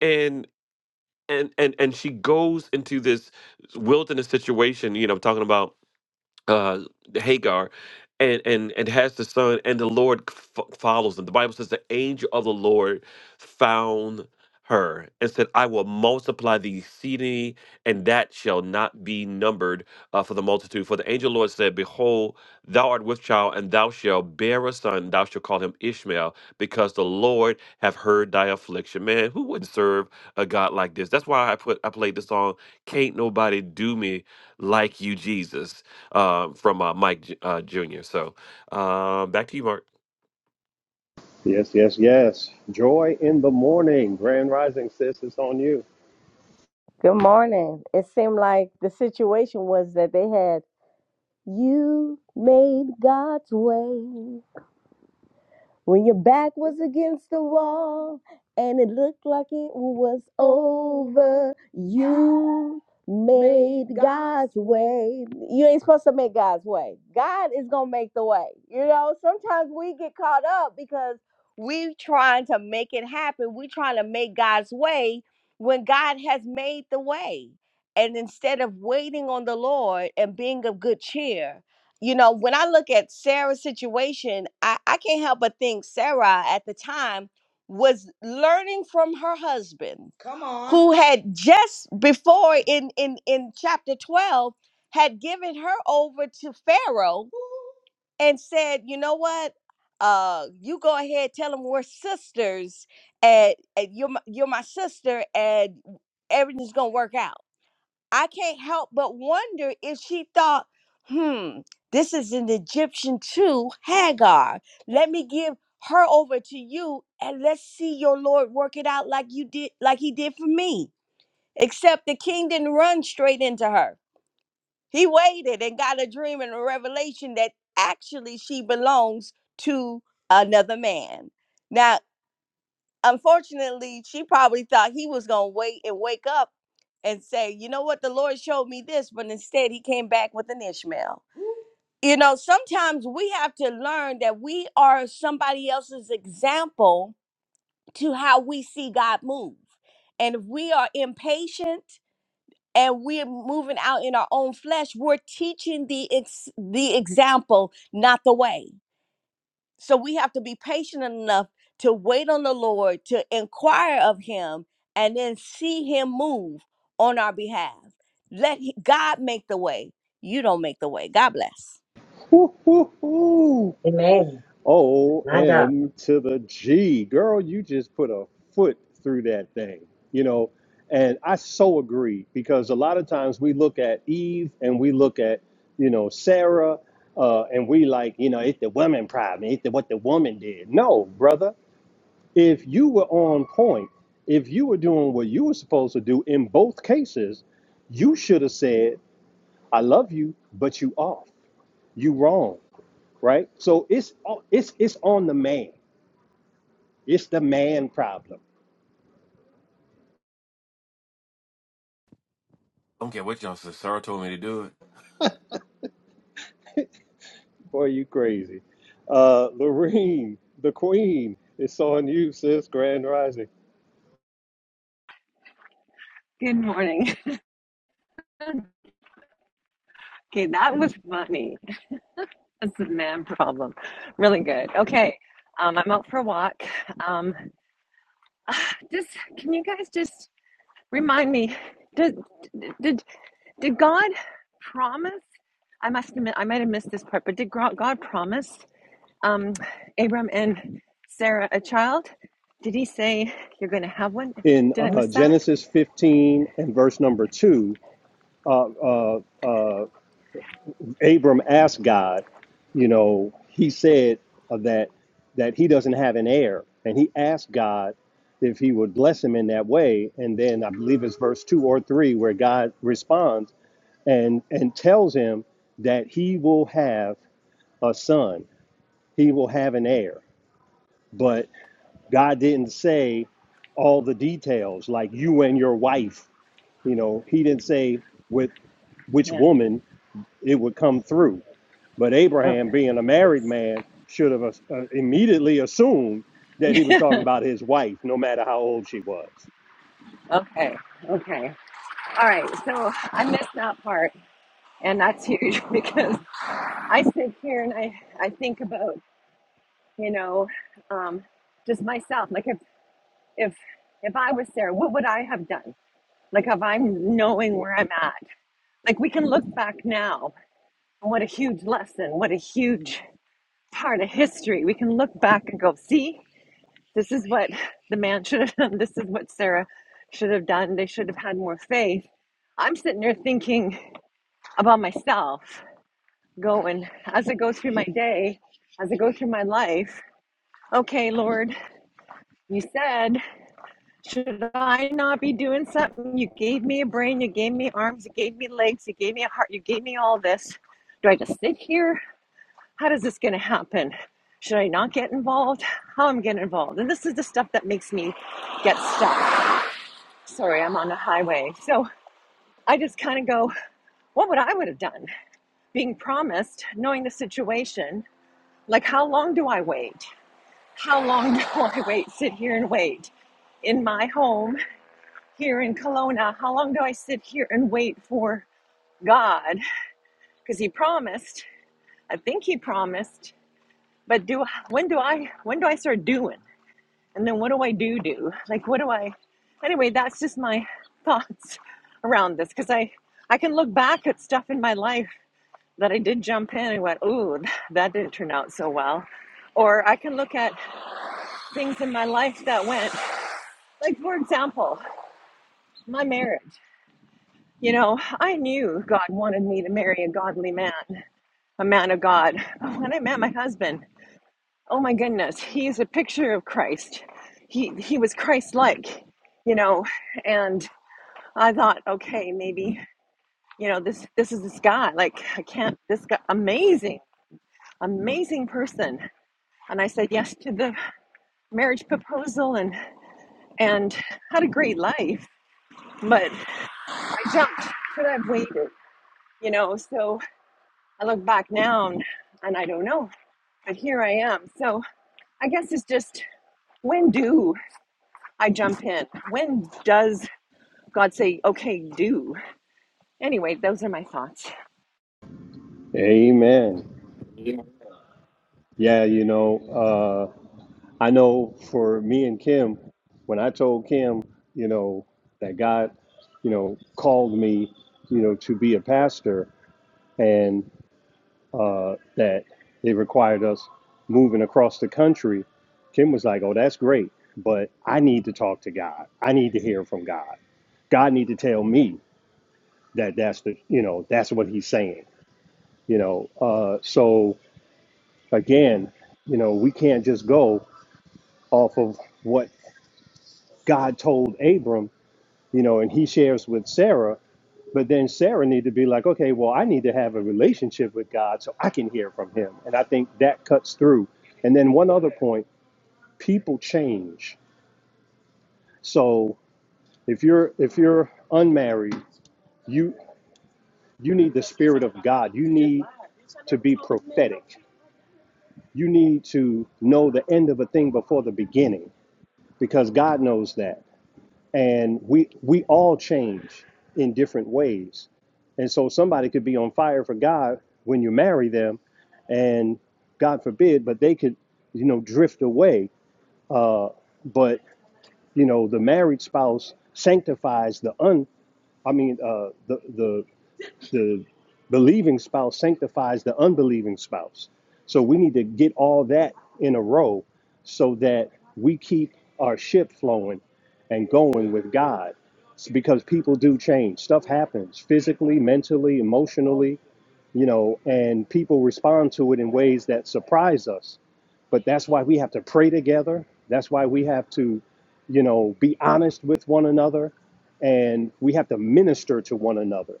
Speaker 2: And and and and she goes into this wilderness situation, you know, talking about uh Hagar and and and has the son and the Lord f- follows them. The Bible says the angel of the Lord found her and said, "I will multiply the exceedingly, and that shall not be numbered uh, for the multitude." For the angel of the Lord said, "Behold, thou art with child, and thou shalt bear a son. and Thou shalt call him Ishmael, because the Lord have heard thy affliction." Man, who wouldn't serve a God like this? That's why I put I played the song "Can't Nobody Do Me Like You, Jesus." uh, from uh, Mike J- uh, Jr. So uh, back to you, Mark.
Speaker 1: Yes, yes, yes. Joy in the morning. Grand Rising, sis, it's on you.
Speaker 6: Good morning. It seemed like the situation was that they had you made God's way when your back was against the wall and it looked like it was over. You made God's way. You ain't supposed to make God's way. God is gonna make the way. You know, sometimes we get caught up because we trying to make it happen. We trying to make God's way when God has made the way. And instead of waiting on the Lord and being of good cheer, you know, when I look at Sarah's situation, I, I can't help but think Sarah at the time was learning from her husband who had just before in in in chapter 12 had given her over to pharaoh and said you know what uh you go ahead tell him we're sisters and, and you're my, you're my sister and everything's gonna work out i can't help but wonder if she thought hmm this is an egyptian too hagar let me give her over to you and let's see your lord work it out like you did like he did for me Except the king didn't run straight into her. He waited and got a dream and a revelation that actually she belongs to another man. Now, unfortunately, she probably thought he was going to wait and wake up and say, you know what, the Lord showed me this, but instead he came back with an Ishmael. You know, sometimes we have to learn that we are somebody else's example to how we see God move. And if we are impatient, and we're moving out in our own flesh, we're teaching the ex- the example, not the way. So we have to be patient enough to wait on the Lord, to inquire of Him, and then see Him move on our behalf. Let he- God make the way. You don't make the way. God bless.
Speaker 1: Woo-hoo-hoo.
Speaker 5: Amen.
Speaker 1: O
Speaker 5: My God.
Speaker 1: M to the G. Girl, you just put a foot through that thing, you know. And I so agree because a lot of times we look at Eve and we look at, you know, Sarah, uh, and we like, you know, it's the woman problem, it's the, what the woman did. No, brother, if you were on point, if you were doing what you were supposed to do in both cases, you should have said, "I love you, but you off, you wrong," right? So it's it's it's on the man it's the man problem.
Speaker 2: I Don't care what y'all said. Sarah told me to do it.
Speaker 1: Boy, you crazy. Uh, Lorene, the queen, it's on you, sis, grand rising.
Speaker 8: Good morning. Okay, that was funny. That's the man problem. Really good. Okay, um, I'm out for a walk. Um, just can you guys just remind me? Did did did God promise? I must admit, I might have missed this part, but did Gro- God promise um, Abram and Sarah a child? Did He say you're going to have one?
Speaker 1: In
Speaker 8: Did I
Speaker 1: uh,
Speaker 8: miss that?
Speaker 1: Genesis 15 and verse number 2, uh, uh, uh, Abram asked God, you know, he said uh, that, that he doesn't have an heir. And he asked God if he would bless him in that way. And then I believe it's verse 2 or 3 where God responds and, and tells him that he will have a son he will have an heir. But God didn't say all the details, like you and your wife. You know, he didn't say with which
Speaker 8: Yeah.
Speaker 1: woman it would come through. But
Speaker 8: Oh.
Speaker 1: Abraham, being a married man, should have uh, uh, immediately assumed that he was talking about his wife, no matter how old she was.
Speaker 8: okay. Okay. All right. So I missed that part. and that's huge because I sit here and I I think about you know um, just myself like if if if I was there what would I have done like if I'm knowing where I'm at like we can look back now what a huge lesson what a huge part of history we can look back and go see this is what the man should have done this is what Sarah should have done they should have had more faith I'm sitting there thinking about myself Going as I go through my day, as I go through my life, okay, Lord, you said, should I not be doing something? You gave me a brain, you gave me arms, you gave me legs, you gave me a heart, you gave me all this. Do I just sit here? How is this going to happen? Should I not get involved? How am I getting involved? And this is the stuff that makes me get stuck. Sorry, I'm on the highway. So I just kind of go, what would I would have done? Being promised, knowing the situation, like how long do I wait? How long do I wait, sit here and wait? In my home here in Kelowna, how long do I sit here and wait for God? Because He promised, I think He promised, but do when do I when do I start doing? And then what do I do do? Like what do I? Anyway, that's just my thoughts around this because I I can look back at stuff in my life that I did jump in and went, ooh, that didn't turn out so well, or I can look at things in my life that went Like, for example, my marriage. You know, I knew God wanted me to marry a godly man, a man of God. But when I met my husband, oh my goodness, he's a picture of Christ. He he was Christ-like, you know, and I thought, okay, maybe, you know, this this is this guy. Like, I can't this guy amazing, amazing person. And I said yes to the marriage proposal and and had a great life, but I jumped. Could I have waited? you know so i look back now and, and i don't know but here i am so i guess it's just when do i jump in when does god say okay do anyway those are my thoughts
Speaker 1: Amen. Yeah, you know, uh, I know for me and Kim, when I told Kim, you know, that God, you know, called me, you know, to be a pastor and uh, that it required us moving across the country, Kim was like, oh, that's great, but I need to talk to God. I need to hear from God. God need to tell me that that's the, you know, that's what he's saying, you know. Uh, so again, you know, we can't just go off of what God told Abram you know, and he shares with Sarah. But then Sarah need to be like, okay, well, I need to have a relationship with God so I can hear from Him, and I think that cuts through. And then one other point: people change. So if you're if you're unmarried, you you need the Spirit of God. You need to be prophetic. You need to know the end of a thing before the beginning because God knows that. and we we all change in different ways and so somebody could be on fire for god when you marry them and god forbid but they could you know drift away uh but you know the married spouse sanctifies the un i mean uh the the the believing spouse sanctifies the unbelieving spouse. So we need to get all that in a row so that we keep our ship flowing and going with God. It's because people do change. Stuff happens physically, mentally, emotionally, you know, and people respond to it in ways that surprise us. But that's why we have to pray together. That's why we have to, you know, be honest with one another and we have to minister to one another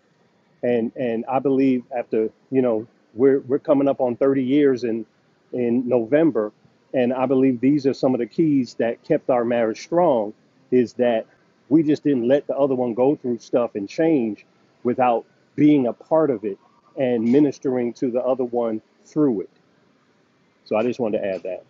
Speaker 1: and and I believe after you know we're we're coming up on 30 years in in November, and I believe these are some of the keys that kept our marriage strong, is that we just didn't let the other one go through stuff and change without being a part of it and ministering to the other one through it. So I just wanted to add that.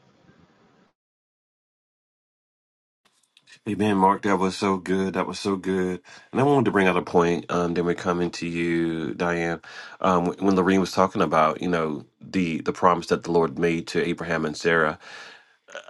Speaker 2: Hey man, Mark, that was so good. That was so good. And I wanted to bring out a point. Um, then we're coming to you, Diane. Um, when Lorene was talking about, you know, the the promise that the Lord made to Abraham and Sarah,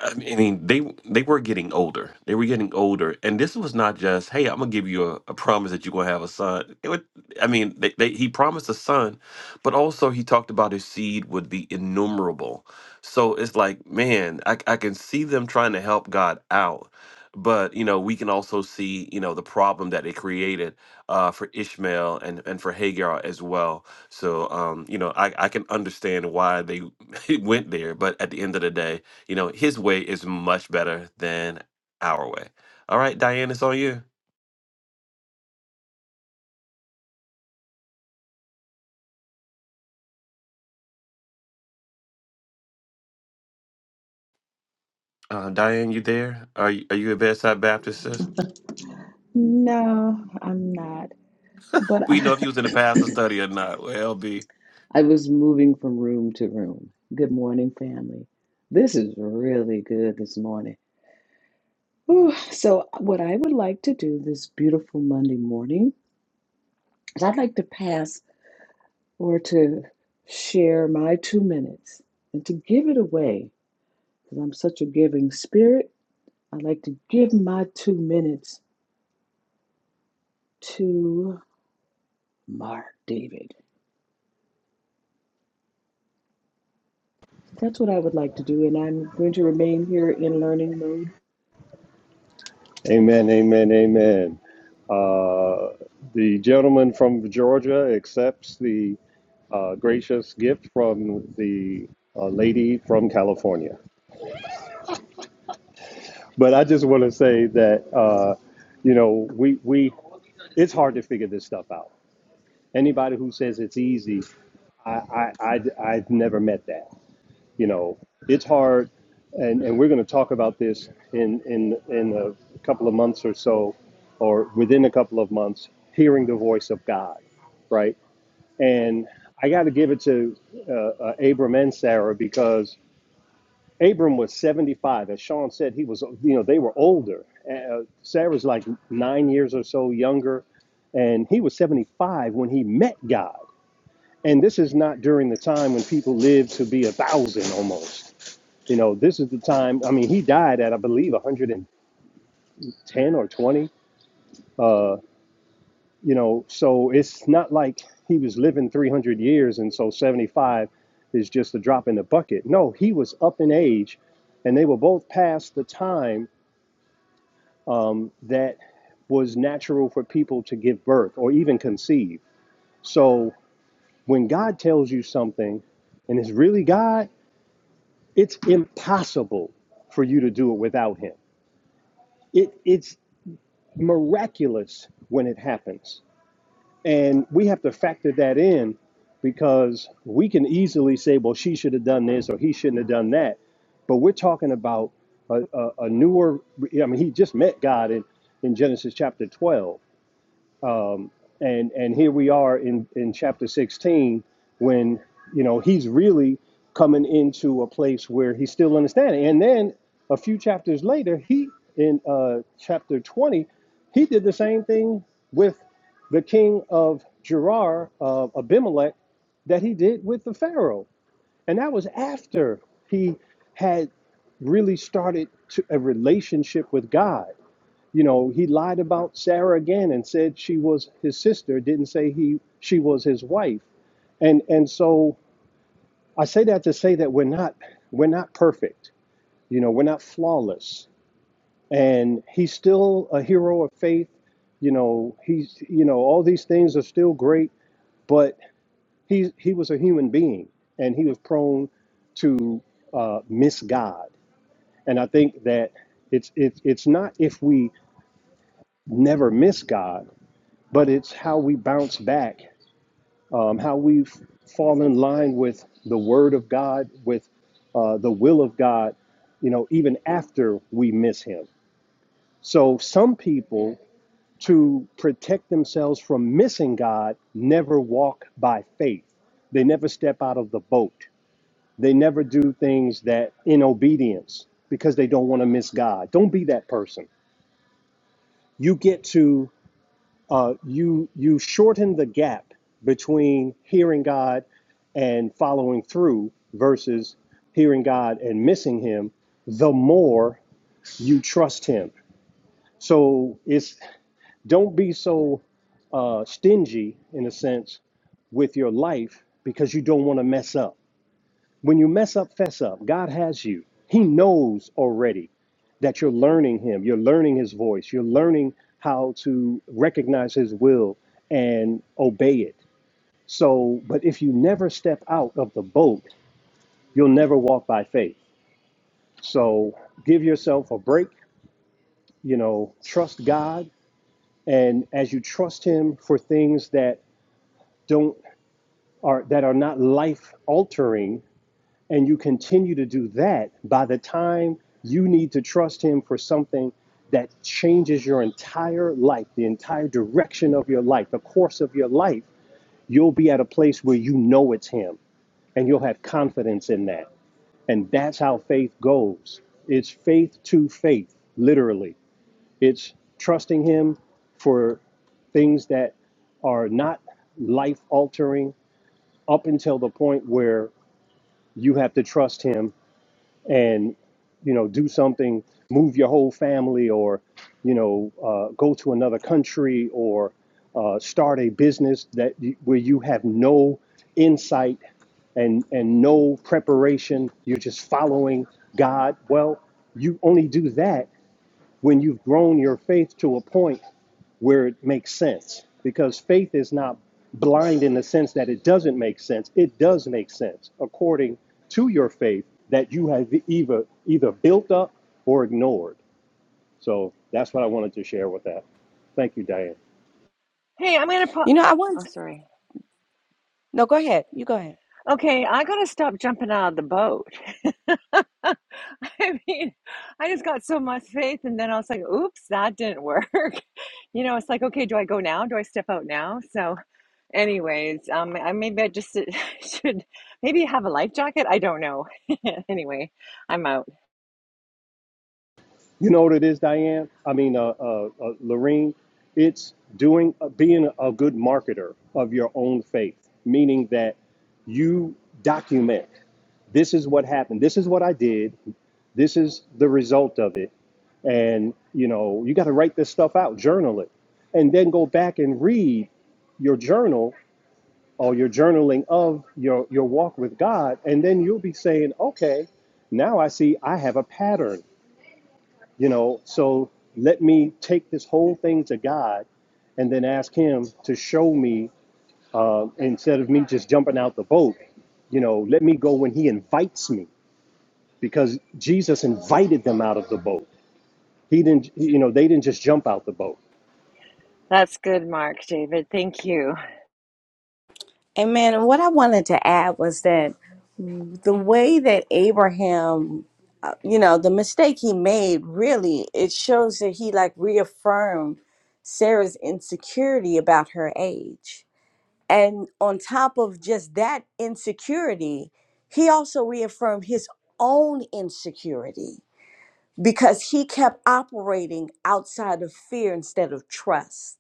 Speaker 2: I mean, they they were getting older. They were getting older, and this was not just, "Hey, I'm gonna give you a, a promise that you're gonna have a son." It would, I mean, they, they, he promised a son, but also he talked about his seed would be innumerable. So it's like, man, I, I can see them trying to help God out, but you know, we can also see, you know, the problem that it created uh, for Ishmael and and for Hagar as well. So, um, you know, I I can understand why they went there, but at the end of the day you know, his way is much better than our way. All right, Diane, it's on you. Uh, Diane, you there? Are you, are you a bedside Baptist? sis?
Speaker 7: No, I'm not. But
Speaker 2: We know
Speaker 7: I,
Speaker 2: if you was in the pastor study or not. Well, LB.
Speaker 7: I was moving from room to room. Good morning, family. This is really good this morning. Whew. So, what I would like to do this beautiful Monday morning is I'd like to pass or to share my two minutes and to give it away because I'm such a giving spirit. I'd like to give my two minutes to Mark David. So that's what I would like to do, and I'm going to remain here in learning mode.
Speaker 1: Amen, amen, amen. Uh, the gentleman from Georgia accepts the uh, gracious gift from the uh, lady from California. But I just want to say that uh, you know we we it's hard to figure this stuff out. Anybody who says it's easy, I I, I I've never met that. You know, it's hard, and and we're going to talk about this in in in a couple of months or so, or within a couple of months. Hearing the voice of God, right? And I got to give it to uh, uh, Abram and Sarah because Abram was 75. As Sean said, he was, you know, they were older. Uh, Sarah's like nine years or so younger, and he was 75 when he met God. And this is not during the time when people lived to be a thousand almost. You know, this is the time, I mean, he died at, I believe, 110 or 20. Uh, you know, so it's not like he was living 300 years, and so 75 is just a drop in the bucket. No, he was up in age, and they were both past the time um, that was natural for people to give birth or even conceive. So when God tells you something and it's really God, it's impossible for you to do it without Him. It, it's miraculous when it happens. And we have to factor that in because we can easily say, well, she should have done this or he shouldn't have done that. But we're talking about a, a, a newer, I mean, he just met God in, in Genesis chapter 12 and and here we are in in chapter 16 when you know he's really coming into a place where he's still understanding and then a few chapters later he in uh chapter 20 he did the same thing with the king of Gerar of Abimelech that he did with the pharaoh and that was after he had really started to a relationship with God you know, he lied about Sarah again and said she was his sister, didn't say he she was his wife. And and so I say that to say that we're not we're not perfect. You know, we're not flawless. And he's still a hero of faith. You know, he's you know, all these things are still great, but he he was a human being and he was prone to uh, miss God. And I think that it's it's it's not if we never miss God. but it's how we bounce back, um, how we fall in line with the Word of God, with uh, the will of God, you know, even after we miss Him. So some people, to protect themselves from missing God, never walk by faith. They never step out of the boat. They never do things that in obedience because they don't want to miss God. Don't be that person. You get to uh, you you shorten the gap between hearing God and following through versus hearing God and missing Him. The more you trust Him, so it's don't be so uh, stingy in a sense with your life because you don't want to mess up. When you mess up, fess up. God has you. He knows already that you're learning him you're learning his voice you're learning how to recognize his will and obey it So, but if you never step out of the boat, you'll never walk by faith. So, give yourself a break, you know, trust God and as you trust him for things that don't are that are not life altering and you continue to do that by the time you need to trust him for something that changes your entire life, the entire direction of your life, the course of your life, you'll be at a place where you know it's him and you'll have confidence in that. And that's how faith goes. It's faith to faith, literally. It's trusting Him for things that are not life altering up until the point where you have to trust Him and you know do something move your whole family or you know uh, go to another country or uh, start a business that you, where you have no insight and and no preparation you're just following god well you only do that when you've grown your faith to a point where it makes sense because faith is not blind in the sense that it doesn't make sense it does make sense according to your faith that you have either either built up or ignored so that's what i wanted to share with that thank you diane
Speaker 8: hey i'm gonna put.
Speaker 6: You know, I
Speaker 8: oh
Speaker 6: want
Speaker 8: sorry
Speaker 6: no. Go ahead. You go ahead.
Speaker 8: okay i gotta stop jumping out of the boat i mean i just got so much faith and then i was like oops that didn't work you know it's like okay do i go now do i step out now so Anyways, um, I, maybe I just should maybe have a life jacket. I don't know. Anyway, I'm out.
Speaker 1: you know what it is diane i mean uh, uh, uh lorraine it's doing uh, being a good marketer of your own faith meaning that you document this is what happened this is what i did this is the result of it and you know you got to write this stuff out journal it and then go back and read your journal or your journaling of your your walk with god and then you'll be saying okay now i see i have a pattern you know so let me take this whole thing to god and then ask him to show me um, instead of me just jumping out the boat you know let me go when he invites me because jesus invited them out of the boat he didn't you know they didn't just jump out the boat
Speaker 8: That's good, Mark, David. Thank you.
Speaker 6: Amen. And what I wanted to add was that the way that Abraham, uh, you know, the mistake he made, really, it shows that he like reaffirmed Sarah's insecurity about her age. And on top of just that insecurity, he also reaffirmed his own insecurity because he kept operating outside of fear instead of trust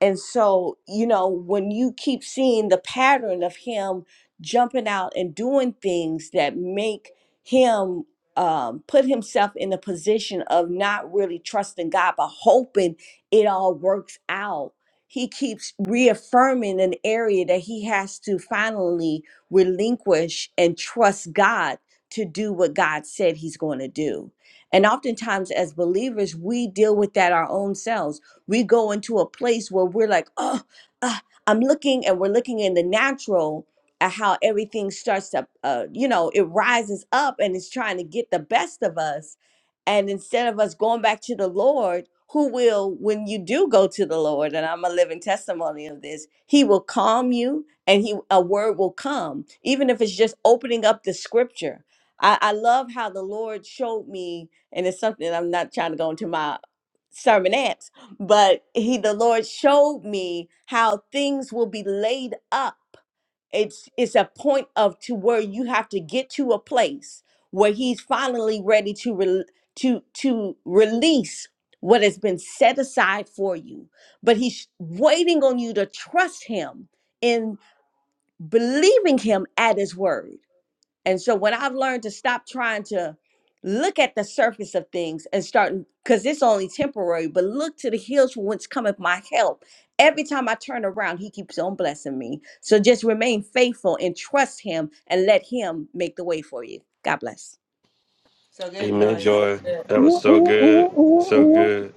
Speaker 6: and so, you know, when you keep seeing the pattern of him jumping out and doing things that make him um, put himself in the position of not really trusting God, but hoping it all works out, he keeps reaffirming an area that he has to finally relinquish and trust God to do what God said he's going to do. And oftentimes, as believers, we deal with that our own selves we go into a place where we're like, oh, uh, I'm looking and we're looking in the natural at how everything starts to, uh, you know, it rises up and it's trying to get the best of us. And instead of us going back to the Lord, who will, when you do go to the Lord, and I'm a living testimony of this, He will calm you and He a word will come, even if it's just opening up the scripture. I, I love how the Lord showed me, and it's something I'm not trying to go into my sermonette, but he the lord showed me how things will be laid up it's it's a point of to where you have to get to a place where he's finally ready to re, to to release what has been set aside for you but he's waiting on you to trust him in believing him at his word and so when I've learned to stop trying to look at the surface of things and start because it's only temporary, but look to the hills from whence cometh my help. Every time I turn around, he keeps on blessing me. So just remain faithful and trust him and let him make the way for you. God bless.
Speaker 4: So good,
Speaker 2: Amen,
Speaker 4: Joy. So
Speaker 2: Joy.
Speaker 4: good.
Speaker 2: That was so good, so
Speaker 1: Oh
Speaker 2: good.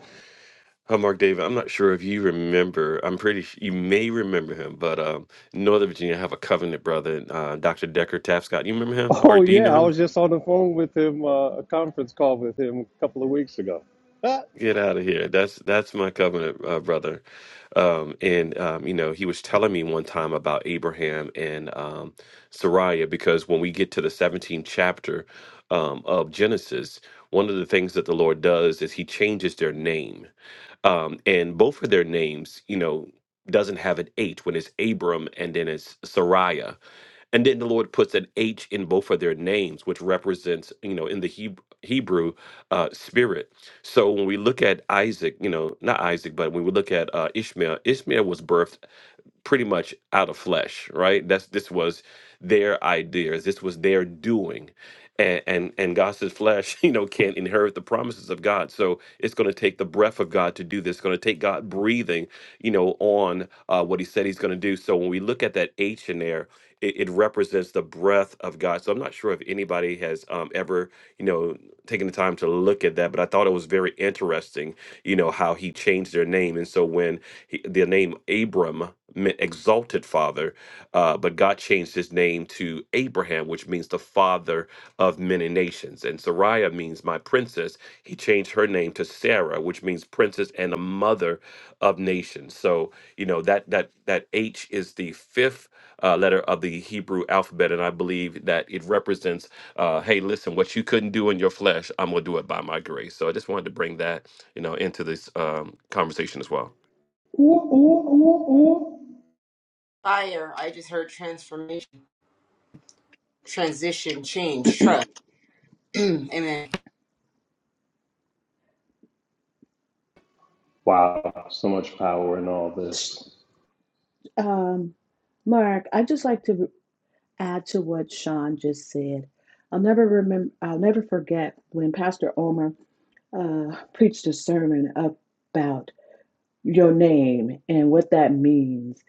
Speaker 2: Hallmark David. I'm not sure if you remember. I'm pretty. s- You may remember him, but um, Northern Virginia have a covenant brother, uh, Dr. Decker Tapscott. You remember him, or do you know
Speaker 1: yeah, I
Speaker 2: him?
Speaker 1: was just on the phone with him, uh, a conference call with him a couple of weeks ago. Ah.
Speaker 2: Get out of here. That's that's my covenant uh, brother. Um, and um, you know, he was telling me one time about Abraham and um, Sariah because when we get to the 17th chapter um, of Genesis, one of the things that the Lord does is he changes their name um, and both of their names, you know, doesn't have an H when it's Abram and then it's Sariah. And then the Lord puts an H in both of their names, which represents, you know, in the Hebrew, Hebrew uh, spirit. So when we look at Isaac, you know, not Isaac, but when we look at uh, Ishmael, Ishmael was birthed pretty much out of flesh, right? That's this was their ideas. This was their doing and and, and God says flesh, you know, can't inherit the promises of God. So it's going to take the breath of God to do this. It's going to take God breathing, you know, on uh, what He said He's going to do. So when we look at that H in there, it, it represents the breath of God. So I'm not sure if anybody has um, ever, you know, taken the time to look at that, but I thought it was very interesting, you know, how He changed their name. And so when he, the name Abram meant exalted father, uh, but God changed his name to Abraham, which means the father of many nations. And Sariah means my princess. He changed her name to Sarah, which means princess and a mother of nations. So, you know, that that that H is the fifth uh, letter of the Hebrew alphabet. And I believe that it represents, uh, hey, listen, what you couldn't do in your flesh, I'm going to do it by my grace. So I just wanted to bring that, you know, into this um, conversation as well.
Speaker 1: Wow,
Speaker 4: I trans- transition, change, trust. Amen.
Speaker 1: so much power in all this.
Speaker 7: Um, Mark, I'd just like to add to what Sean just said. I'll never remember, I'll never forget when Pastor Omer uh, preached a sermon about your name and what that means.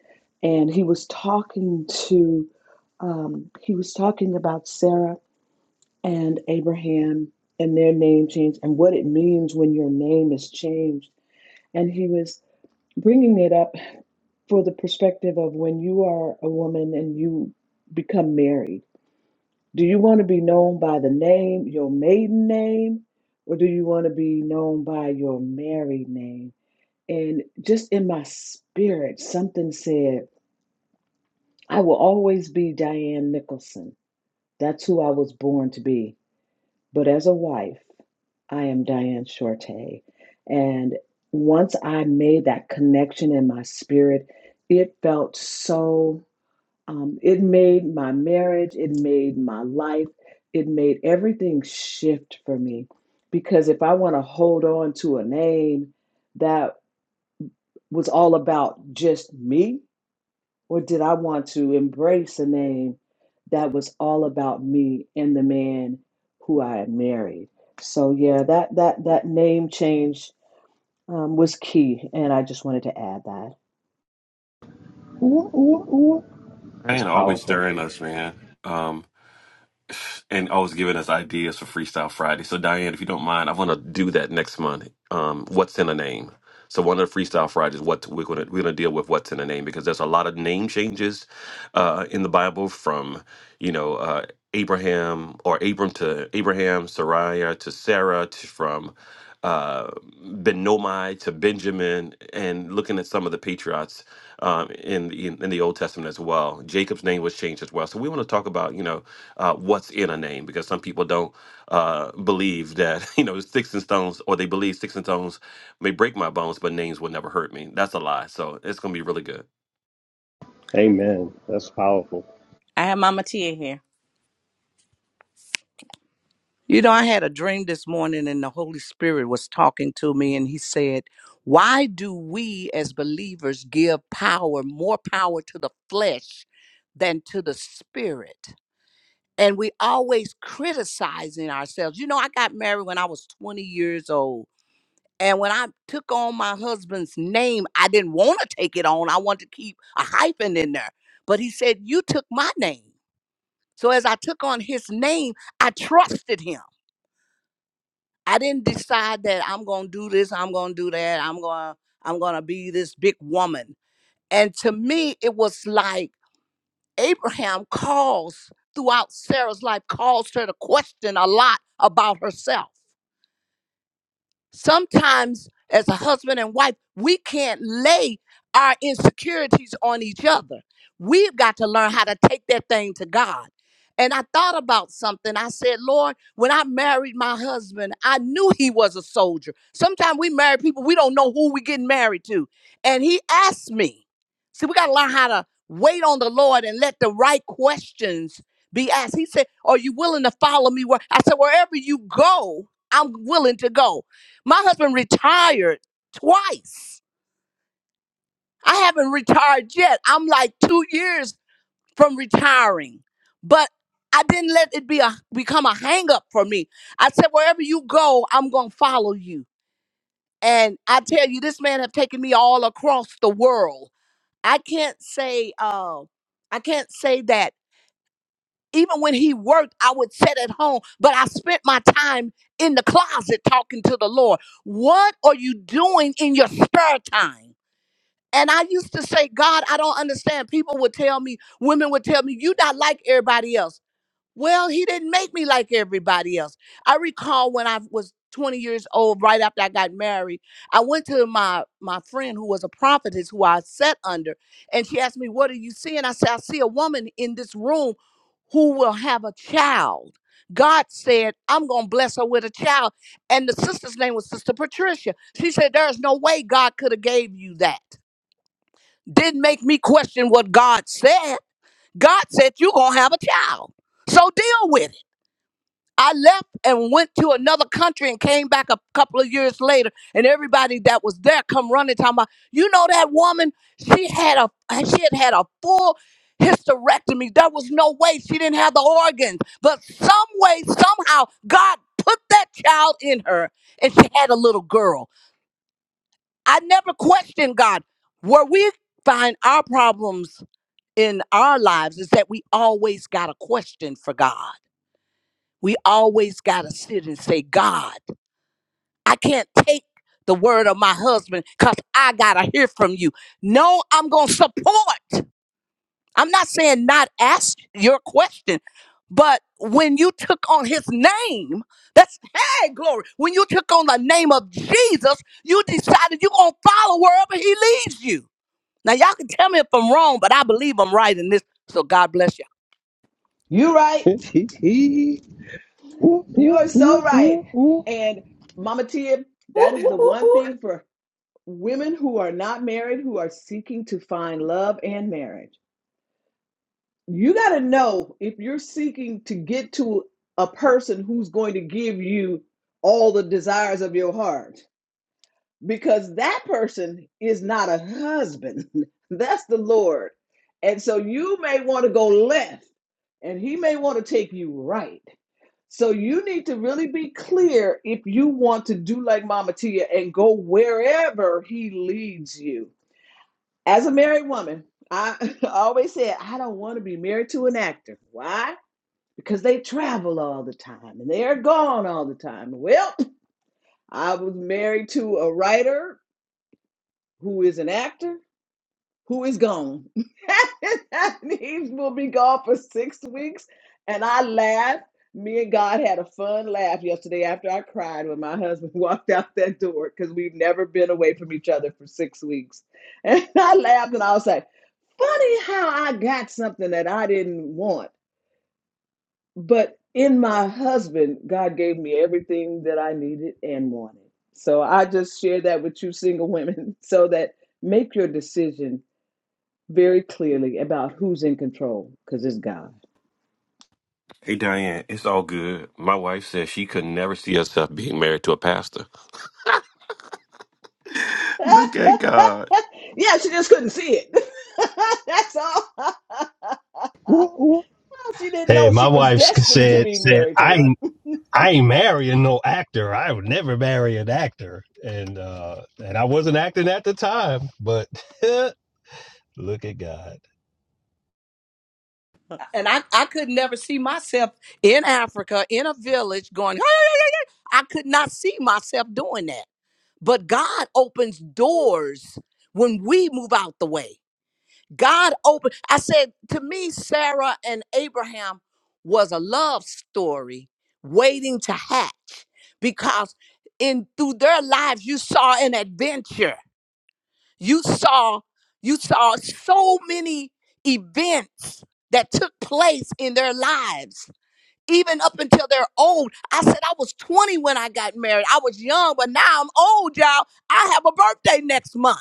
Speaker 7: And he was talking to, um, he was talking about Sarah and Abraham and their name change and what it means when your name is changed. And he was bringing it up for the perspective of when you are a woman and you become married. Do you want to be known by the name, your maiden name, or do you want to be known by your married name? And just in my spirit, something said, I will always be Diane Nicholson. That's who I was born to be. But as a wife, I am Diane Shorte. And once I made that connection in my spirit, it felt so, um, it made my marriage, it made my life, it made everything shift for me. Because if I want to hold on to a name that was all about just me, or did I want to embrace a name that was all about me and the man who I had married? So yeah, that that that name change um, was key, and I just wanted to add that.
Speaker 1: That's
Speaker 2: Man, always
Speaker 1: powerful.
Speaker 2: stirring us, man. and always giving us ideas for Freestyle Friday. So Diane, if you don't mind, I want to do that next month. Um, what's in a name? So one of the Freestyle Fridays, what we're gonna we're gonna deal with what's in a name because there's a lot of name changes uh, in the Bible from you know uh, Abraham or Abram to Abraham, Sariah to Sarah, to, from uh, Ben to Benjamin, and looking at some of the patriots um, in, the- in in the Old Testament as well. Jacob's name was changed as well. So we want to talk about you know uh, what's in a name because some people don't uh, believe that you know sticks and stones, or they believe sticks and stones may break my bones, but names will never hurt me. That's a lie. So it's gonna be really good.
Speaker 1: Amen. That's powerful.
Speaker 6: I have Mama Tia here. You know, I had a dream this morning, and the Holy Spirit was talking to me, and He said, Why do we as believers give power, more power to the flesh than to the spirit? And we always criticizing ourselves. You know, I got married when I was 20 years old. And when I took on my husband's name, I didn't want to take it on. I wanted to keep a hyphen in there. But he said, You took my name. So as I took on his name, I trusted him. I didn't decide that I'm gonna do this, I'm gonna do that, I'm gonna I'm gonna be this big woman. And to me, it was like Abraham calls throughout Sarah's life, calls her to question a lot about herself. Sometimes, as a husband and wife, we can't lay our insecurities on each other. We've got to learn how to take that thing to God. And I thought about something. I said, Lord, when I married my husband, I knew he was a soldier. Sometimes we marry people, we don't know who we are getting married to. And he asked me, see, we got to learn how to wait on the Lord and let the right questions be asked. He said, Are you willing to follow me? Where I said, Wherever you go, I'm willing to go. My husband retired twice. I haven't retired yet. I'm like two years from retiring, but I didn't let it be a become a hang up for me. I said, wherever you go, I'm gonna follow you. And I tell you, this man have taken me all across the world. I can't say, uh, I can't say that. Even when he worked, I would sit at home, but I spent my time in the closet talking to the Lord. What are you doing in your spare time? And I used to say, God, I don't understand. People would tell me, women would tell me, you not like everybody else. Well, he didn't make me like everybody else. I recall when I was 20 years old, right after I got married, I went to my my friend who was a prophetess who I sat under, and she asked me, What are you seeing? I said, I see a woman in this room who will have a child. God said, I'm gonna bless her with a child. And the sister's name was Sister Patricia. She said, There's no way God could have gave you that didn't make me question what God said. God said, You're going to have a child. So deal with it. I left and went to another country and came back a couple of years later. And everybody that was there come running, talking about, you know, that woman, she had a she had had a full hysterectomy. There was no way she didn't have the organs. But some way, somehow, God put that child in her and she had a little girl. I never questioned God. Where we find our problems in our lives is that we always got a question for God. We always got to sit and say, God, I can't take the word of my husband because I got to hear from you. No, I'm going to support. I'm not saying not ask your question, but when you took on his name, that's, hey, glory. When you took on the name of Jesus, you decided you're going to follow wherever he leads you. Now, y'all can tell me if I'm wrong, but I believe I'm right in this. So, God bless you.
Speaker 7: You are right, you are so right. And Mama Tia,
Speaker 9: Ooh,
Speaker 7: that is the
Speaker 9: ooh, ooh,
Speaker 7: one
Speaker 9: ooh,
Speaker 7: thing for women who are not married who are seeking to find love and marriage. you got to know if you're seeking to get to a person who's going to give you all the desires of your heart because that person is not a husband that's the lord and so you may want to go left and he may want to take you right so you need to really be clear if you want to do like mama tia and go wherever he leads you as a married woman I always said I don't want to be married to an actor. Why? because they travel all the time and they're gone all the time. Well, I was married to a writer who is an actor who is gone. and he will be gone for six weeks. And I laughed. Me and God had a fun laugh yesterday after I cried when my husband walked out that door because we've never been away from each other for six weeks. And I laughed and I was like, funny how I got something that I didn't want But in my husband, God gave me everything that I needed and wanted. So I just share that with you, single women, so that make your decision very clearly about who's in control, because it's God.
Speaker 2: Hey Diane, it's all good. My wife says she could never see herself being married to a pastor. Look at God.
Speaker 7: Yeah, she just couldn't see it. That's all. she didn't
Speaker 1: Hey, Hey,
Speaker 7: know she
Speaker 1: my
Speaker 7: was
Speaker 1: wife
Speaker 7: destined to
Speaker 1: said
Speaker 7: be
Speaker 1: said
Speaker 7: married to
Speaker 1: I
Speaker 7: one.
Speaker 1: ain't I ain't marrying no actor. I would never marry an actor. And uh and I wasn't acting at the time, but look at God.
Speaker 6: and I, I could never see myself in Africa in a village going, "Ah!" I could not see myself doing that. But God opens doors when we move out the way. God opened. I said to me, Sarah and Abraham was a love story waiting to hatch because in through their lives you saw an adventure. You saw you saw so many events that took place in their lives. Even up until they're old. I said I was 20 when I got married. I was young, but now I'm old, y'all. I have a birthday next month.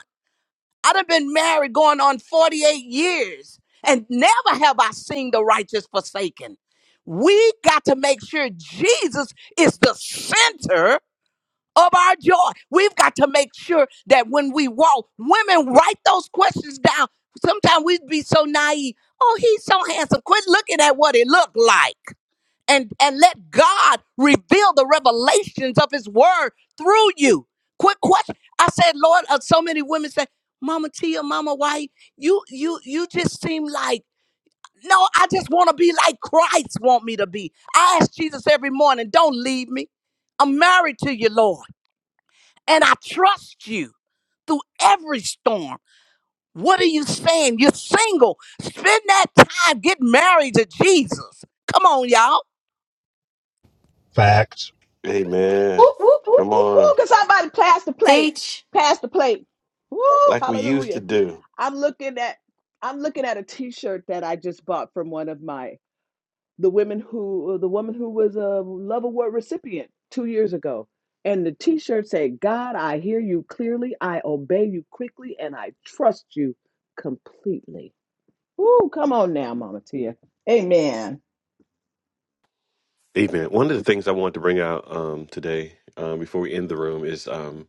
Speaker 6: I'd have been married going on 48 years, and never have I seen the righteous forsaken. We got to make sure Jesus is the center of our joy. We've got to make sure that when we walk, women write those questions down. Sometimes we'd be so naive. Oh, he's so handsome. Quit looking at what it looked like and and let God reveal the revelations of His Word through you. Quick question: I said, Lord, uh, so many women say, "Mama Tia, Mama, why you you you just seem like." No, I just want to be like Christ want me to be. I ask Jesus every morning, "Don't leave me. I'm married to you, Lord, and I trust you through every storm." What are you saying? You're single. Spend that time. Get married to Jesus. Come on, y'all.
Speaker 1: Facts.
Speaker 2: Amen.
Speaker 9: ooh, ooh, ooh,
Speaker 2: Come
Speaker 9: ooh.
Speaker 2: on,
Speaker 7: Ooh, can somebody pass the plate?
Speaker 9: Teach.
Speaker 7: Pass the plate. Woo,
Speaker 2: like we used to
Speaker 7: hallelujah.
Speaker 2: do.
Speaker 7: I'm looking at I'm looking at a t-shirt that I just bought from one of my the women who uh, the woman who was a love award recipient two years ago and the t-shirt said god i hear you clearly i obey you quickly and i trust you completely Ooh, come on now mama tia amen
Speaker 2: Amen. One of the things I wanted to bring out um, today, um, before we end the room, is um,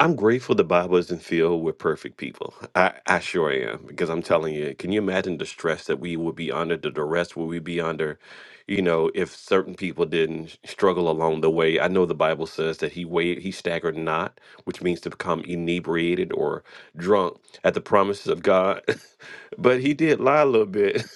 Speaker 2: I'm grateful the Bible isn't filled with perfect people. I, I sure am, because I'm telling you, can you imagine the stress that we would be under, the duress we would be under, you know, if certain people didn't struggle along the way? I know the Bible says that he weighed, he staggered not, which means to become inebriated or drunk at the promises of God, but he did lie a little bit.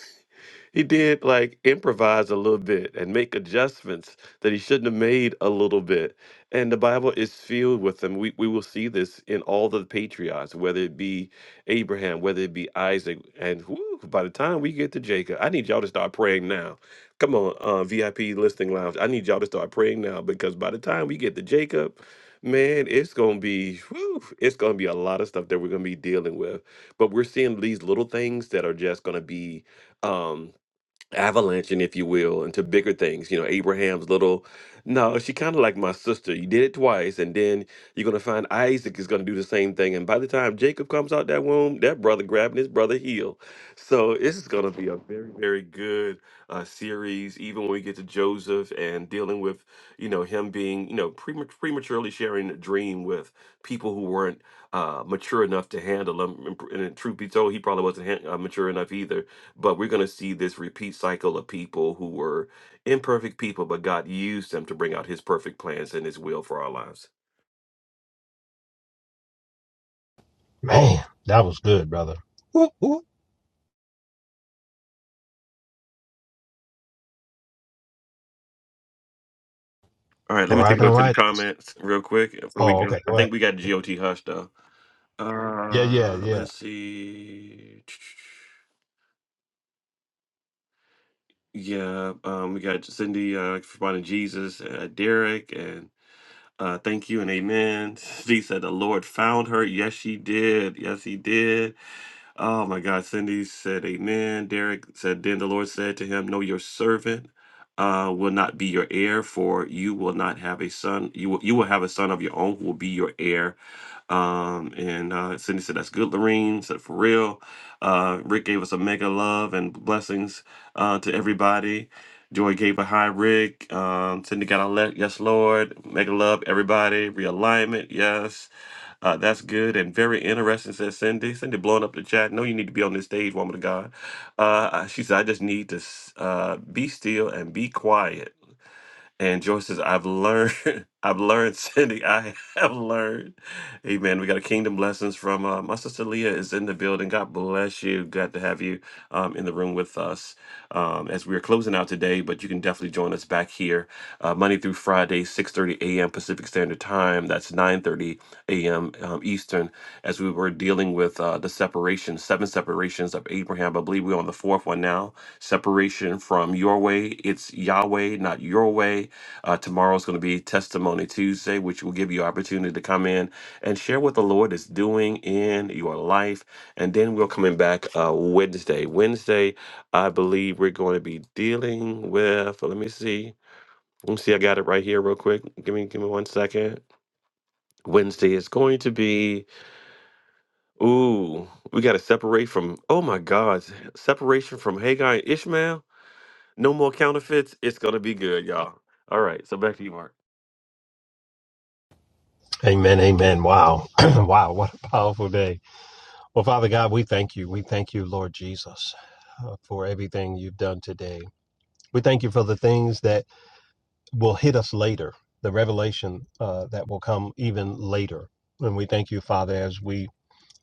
Speaker 2: he did like improvise a little bit and make adjustments that he shouldn't have made a little bit. And the Bible is filled with them. We we will see this in all the patriarchs, whether it be Abraham, whether it be Isaac, and whew, by the time we get to Jacob, I need y'all to start praying now. Come on, uh, VIP listening lounge, I need y'all to start praying now because by the time we get to Jacob, man, it's gonna be whew, it's gonna be a lot of stuff that we're gonna be dealing with. But we're seeing these little things that are just gonna be. um avalanching, if you will, into bigger things. You know, Abraham's little. No, she kind of like my sister. You did it twice, and then you're gonna find Isaac is gonna do the same thing. And by the time Jacob comes out that womb, that brother grabbing his brother heel. So this is gonna be a very, very good uh, series. Even when we get to Joseph and dealing with, you know, him being, you know, premat- prematurely sharing a dream with people who weren't uh, mature enough to handle him. And, and truth be told, he probably wasn't han- uh, mature enough either but we're going to see this repeat cycle of people who were imperfect people, but God used them to bring out his perfect plans and his will for our lives.
Speaker 1: Man, that was good, brother. Woo, woo.
Speaker 2: All right, let
Speaker 1: All
Speaker 2: me take a
Speaker 1: right,
Speaker 2: look
Speaker 1: all
Speaker 2: to the
Speaker 1: right.
Speaker 2: comments real quick before we
Speaker 1: Oh,
Speaker 2: go.
Speaker 1: okay.
Speaker 2: I
Speaker 1: Go ahead.
Speaker 2: think we got GOT Hush though.
Speaker 1: Yeah, yeah,
Speaker 2: Uh,
Speaker 1: yeah.
Speaker 2: let's see. Yeah, um, we got Cindy uh, responding Jesus, uh, Derek, and uh, thank you and amen. She said the Lord found her. Yes, she did. Yes, he did. Oh my God. Cindy said, Amen. Derek said, Then the Lord said to him, No, your servant uh, will not be your heir, for you will not have a son. You will, you will have a son of your own who will be your heir. Um, and uh, Cindy said, That's good, Lorene. Said, For real. Uh, Rick gave us a mega love and blessings uh, to everybody. Joy gave a high Rick. Um, Cindy got a le- yes, Lord. Mega love, everybody. Realignment, yes. Uh, that's good and very interesting, says Cindy. Cindy blowing up the chat. No, you need to be on this stage, woman of God. Uh, she said, I just need to s- uh, be still and be quiet and Joyce says, I've learned, I've learned, Cindy, I have learned. Amen. We got a kingdom blessings from uh, my sister Leah is in the building. God bless you. Glad to have you um, in the room with us um, as we are closing out today, but you can definitely join us back here uh, Monday through Friday, 6.30 a.m. Pacific Standard Time. That's 9.30 a.m. Um, Eastern as we were dealing with uh, the separation, seven separations of Abraham. I believe we're on the fourth one now. Separation from your way. It's Yahweh, not your way uh, tomorrow's going to be Testimony Tuesday, which will give you opportunity to come in and share what the Lord is doing in your life. And then we're coming back uh, Wednesday. Wednesday, I believe we're going to be dealing with. Let me see. Let me see. I got it right here, real quick. Give me, give me one second. Wednesday is going to be. Ooh, we got to separate from. Oh my God, separation from Haggai and Ishmael. No more counterfeits. It's gonna be good, y'all. All right. So back to you, Mark.
Speaker 1: Amen, amen. Wow. wow, what a powerful day. Well, Father God, we thank you. We thank you, Lord Jesus, uh, for everything you've done today. We thank you for the things that will hit us later, the revelation uh, that will come even later. And we thank you, Father, as we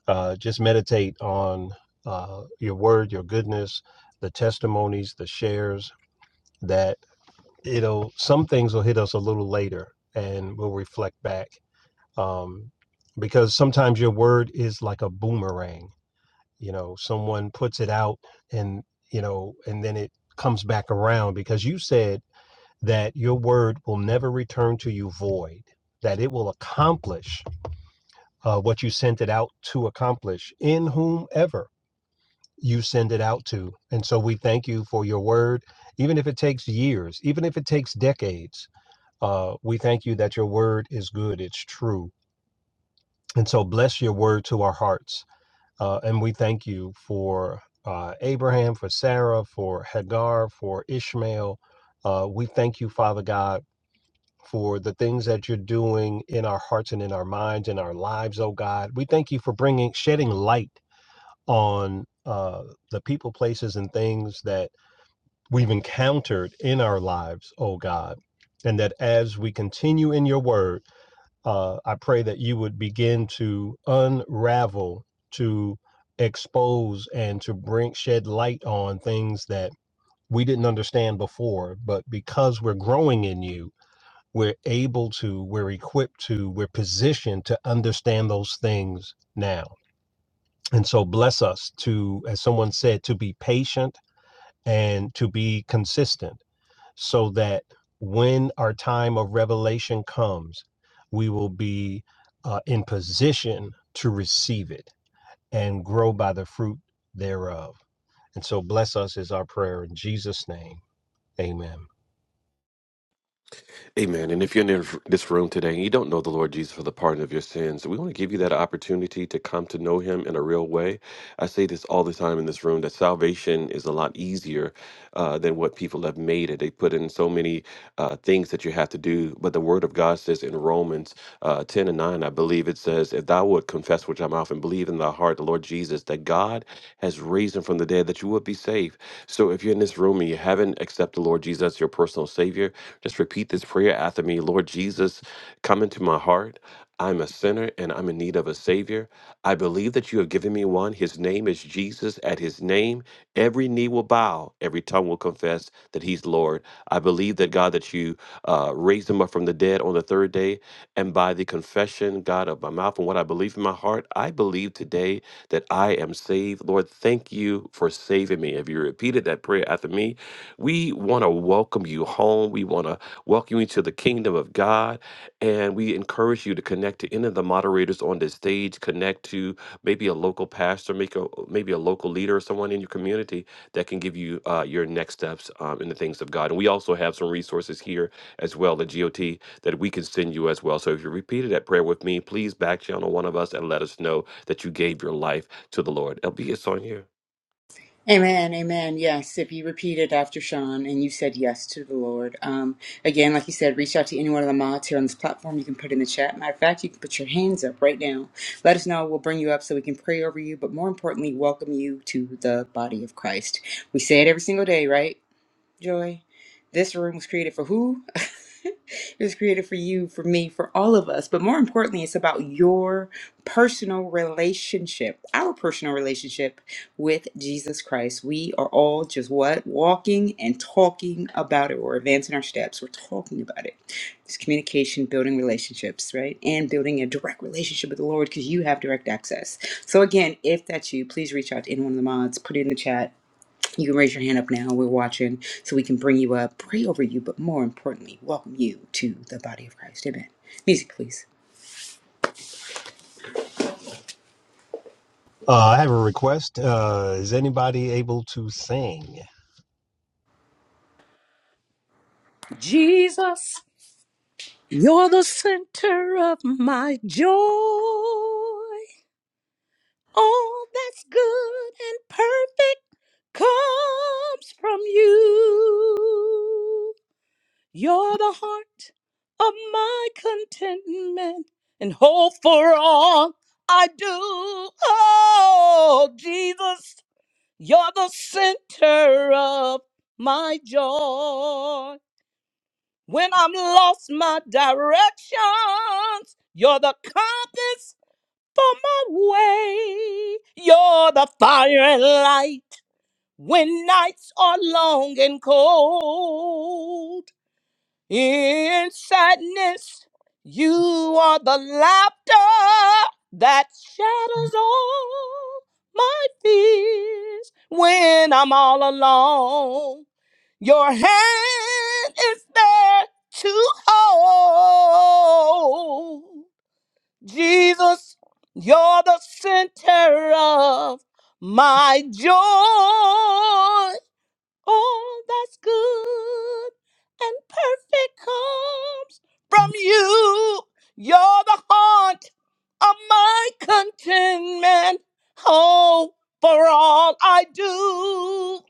Speaker 1: uh, just meditate on uh, your word, your goodness, the testimonies, the shares, that it'll, some things will hit us a little later and we'll reflect back. Um, because sometimes your word is like a boomerang. You know, someone puts it out and, you know, and then it comes back around because you said, that your word will never return to you void, that it will accomplish uh, what you sent it out to accomplish in whomever you send it out to. And so we thank you for your word, even if it takes years, even if it takes decades. Uh, we thank you that your word is good, it's true. And so bless your word to our hearts. Uh, and we thank you for uh, Abraham, for Sarah, for Hagar, for Ishmael. Uh, we thank you, Father God for the things that you're doing in our hearts and in our minds and our lives, oh God. We thank you for bringing, shedding light on uh, the people, places, and things that we've encountered in our lives, oh God. And that as we continue in your word, uh, I pray that you would begin to unravel, to expose, and to bring shed light on things that we didn't understand before. But because we're growing in you, we're able to, we're equipped to, we're positioned to understand those things now. And so bless us to, as someone said, to be patient and to be consistent so that when our time of revelation comes, we will be uh, in position to receive it and grow by the fruit thereof. And so bless us is our prayer in Jesus' name. Amen.
Speaker 2: Amen. And if you're in this room today and you don't know the Lord Jesus for the pardon of your sins, we want to give you that opportunity to come to know him in a real way. I say this all the time in this room that salvation is a lot easier uh, than what people have made it. They put in so many uh, things that you have to do, but the Word of God says in Romans uh, 10 and 9, I believe it says, If thou would confess with thy mouth and believe in thy heart the Lord Jesus, that God has raised him from the dead, that you would be saved. So if you're in this room and you haven't accepted the Lord Jesus as your personal Savior, just repeat this prayer after me Lord Jesus, come into my heart. I'm a sinner and I'm in need of a Savior. I believe that you have given me one. His name is Jesus. At his name, every knee will bow, every tongue will confess that he's Lord. I believe that, God, that you uh, raised him up from the dead on the third day. And by the confession, God, of my mouth and what I believe in my heart, I believe today that I am saved. Lord, thank you for saving me. If you repeated that prayer after me, we want to welcome you home. We want to welcome you to the kingdom of God. And we encourage you to connect to any of the moderators on this stage, connect to maybe a local pastor, make a, maybe a local leader or someone in your community that can give you uh, your next steps um, in the things of God. And we also have some resources here as well at GOT that we can send you as well. So if you repeated that prayer with me, please back channel one of us and let us know that you gave your life to the Lord. LB, it's on you.
Speaker 4: Amen, amen. Yes, if you repeat it after Sean and you said yes to the Lord, um, again, like you said, reach out to any one of the mods here on this platform. You can put in the chat. Matter of fact, you can put your hands up right now. Let us know. We'll bring you up so we can pray over you, but more importantly, welcome you to the body of Christ. We say it every single day, right? Joy. This room was created for who? it was created for you, for me, for all of us. But more importantly, it's about your personal relationship, our personal relationship with Jesus Christ. We are all just what? Walking and talking about it. We're advancing our steps. We're talking about it. It's communication, building relationships, right? And building a direct relationship with the Lord because you have direct access. So, again, if that's you, please reach out to any one of the mods, put it in the chat you can raise your hand up now. We're watching so we can bring you up, pray over you, but more importantly, welcome you to the body of Christ. Amen. Music, please.
Speaker 1: Uh, I have a request. Uh, is anybody able to sing?
Speaker 6: Jesus. You're the center of my joy. All that's good and perfect comes from you. You're the heart of my contentment and hope for all I do. Oh, Jesus, you're the center of my joy. When I'm lost my directions, you're the compass for my way. You're the fire and light when nights are long and cold. In sadness, you are the laughter that shadows all my fears. When I'm all alone, your hand is there to hold. Jesus, you're the center of my joy. All that's good and perfect comes from you. You're the heart of my contentment. Oh, for all I do,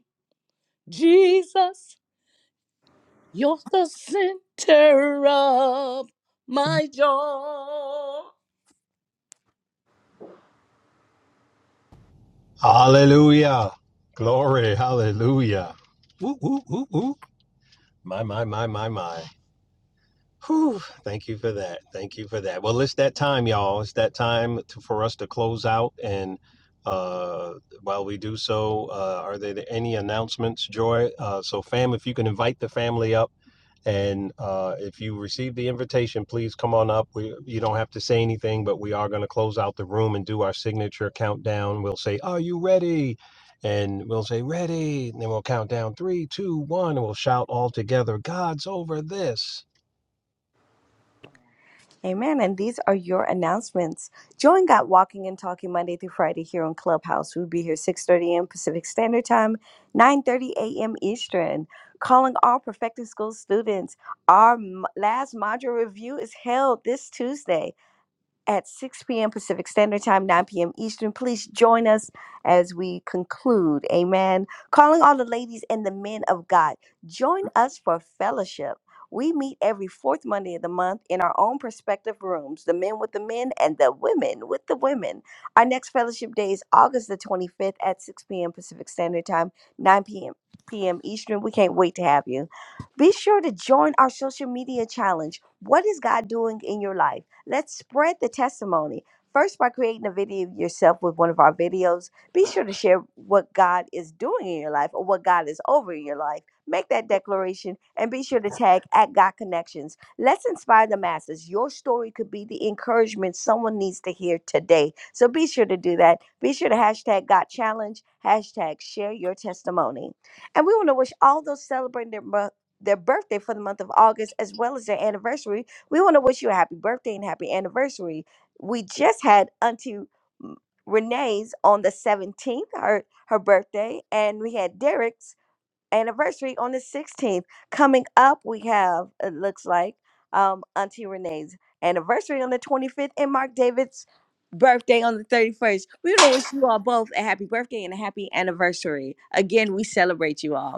Speaker 6: Jesus. You're the center of my joy.
Speaker 1: Hallelujah. Glory. Hallelujah. Woo, woo, woo, woo. My, my, my, my, my. Whew. Thank you for that. Thank you for that. Well, it's that time, y'all. It's that time to, for us to close out. And uh, while we do so, uh, are there any announcements, Joy? Uh, so, fam, if you can invite the family up. And uh, if you receive the invitation, please come on up. We, you don't have to say anything, but we are going to close out the room and do our signature countdown. We'll say, Are you ready? And we'll say, Ready. And then we'll count down three, two, one, and we'll shout all together, God's over this.
Speaker 6: at Walking and Talking Monday through Friday here on Clubhouse. We'll be here 6.30 a.m. Pacific Standard Time, 9.30 a.m. Eastern. Calling all Perfecting School students. Our m- last module review is held this Tuesday. at 6 p.m. Pacific Standard Time, 9 p.m. Eastern. Please join us as we conclude. Amen. Calling all the ladies and the men of God, join us for fellowship. We meet every fourth Monday of the month in our own prospective rooms, the men with the men and the women with the women. Our next fellowship day is August the 25th at 6 p.m. Pacific Standard Time, 9 p.m. p.m. Eastern. We can't wait to have you. Be sure to join our social media challenge. What is God doing in your life? Let's spread the testimony. First, by creating a video of yourself with one of our videos, be sure to share what God is doing in your life or what God is over in your life. Make that declaration and be sure to tag at God Connections. Let's inspire the masses. Your story could be the encouragement someone needs to hear today. So be sure to do that. Be sure to hashtag God Challenge, hashtag share your testimony. And we want to wish all those celebrating their, mo- their birthday for the month of August as well as their anniversary we want to wish you a happy birthday and happy anniversary. We just had Auntie M- Renee's on the 17th, her, her birthday, and we had Derek's anniversary on the 16th. Coming up, we have, it looks like, um, Auntie Renee's anniversary on the 25th and Mark David's birthday on the 31st. We want to wish you all both a happy birthday and a happy anniversary. Again, we celebrate you all.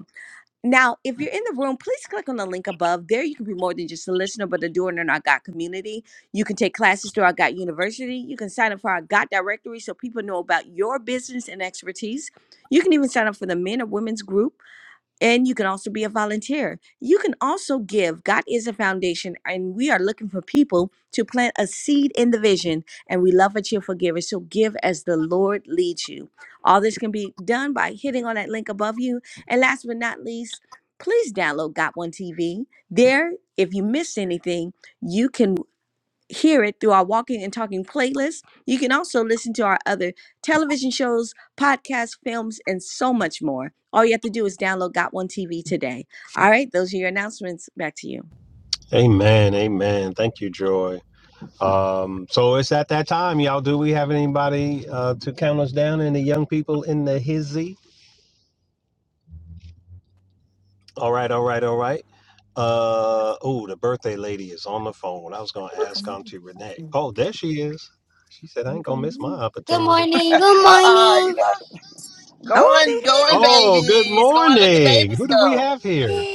Speaker 6: Now, if you're in the room, please click on the link above. There, you can be more than just a listener, but a doer in our God community. You can take classes through our God University. You can sign up for our God directory so people know about your business and expertise. You can even sign up for the men or women's group. And you can also be a volunteer. You can also give. God is a foundation, and we are looking for people to plant a seed in the vision. And we love that you're forgivers. So give as the Lord leads you. All this can be done by hitting on that link above you. And last but not least, please download Got One TV. There, if you miss anything, you can hear it through our walking and talking playlist. You can also listen to our other television shows, podcasts, films, and so much more. All you have to do is download Got One TV today. All right, those are your announcements. Back to you.
Speaker 1: Amen. Amen. Thank you, Joy. Um, so it's at that time, y'all. Do we have anybody uh, to count us down? Any young people in the hizzy? All right, all right, all right. Uh oh, the birthday lady is on the phone. I was gonna ask Auntie Renee. Oh, there she is. She said I ain't gonna miss my
Speaker 10: Good
Speaker 1: opportunity.
Speaker 10: morning. Good
Speaker 11: Uh-uh, you
Speaker 10: morning.
Speaker 11: know, go
Speaker 6: Oh,
Speaker 11: on, go
Speaker 6: they
Speaker 11: on,
Speaker 1: Oh, good
Speaker 11: babies. Go on, let the
Speaker 1: morning.
Speaker 11: babies
Speaker 1: Who do we
Speaker 11: go.
Speaker 1: have here?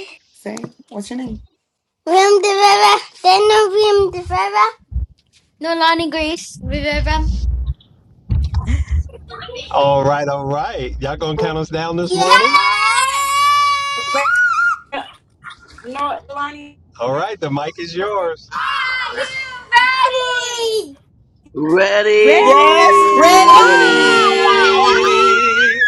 Speaker 10: William de Vera. Then no William de Vera. No Lonnie Grace Rivera.
Speaker 1: All right, all right. Y'all gonna count us down this
Speaker 10: Yes!
Speaker 1: morning?
Speaker 4: No, Alani.
Speaker 1: All right, the mic is yours.
Speaker 10: Are you ready?
Speaker 12: Ready.
Speaker 13: Yes, we Yeah.
Speaker 6: ready.
Speaker 13: are.
Speaker 9: Ready.
Speaker 1: Ready?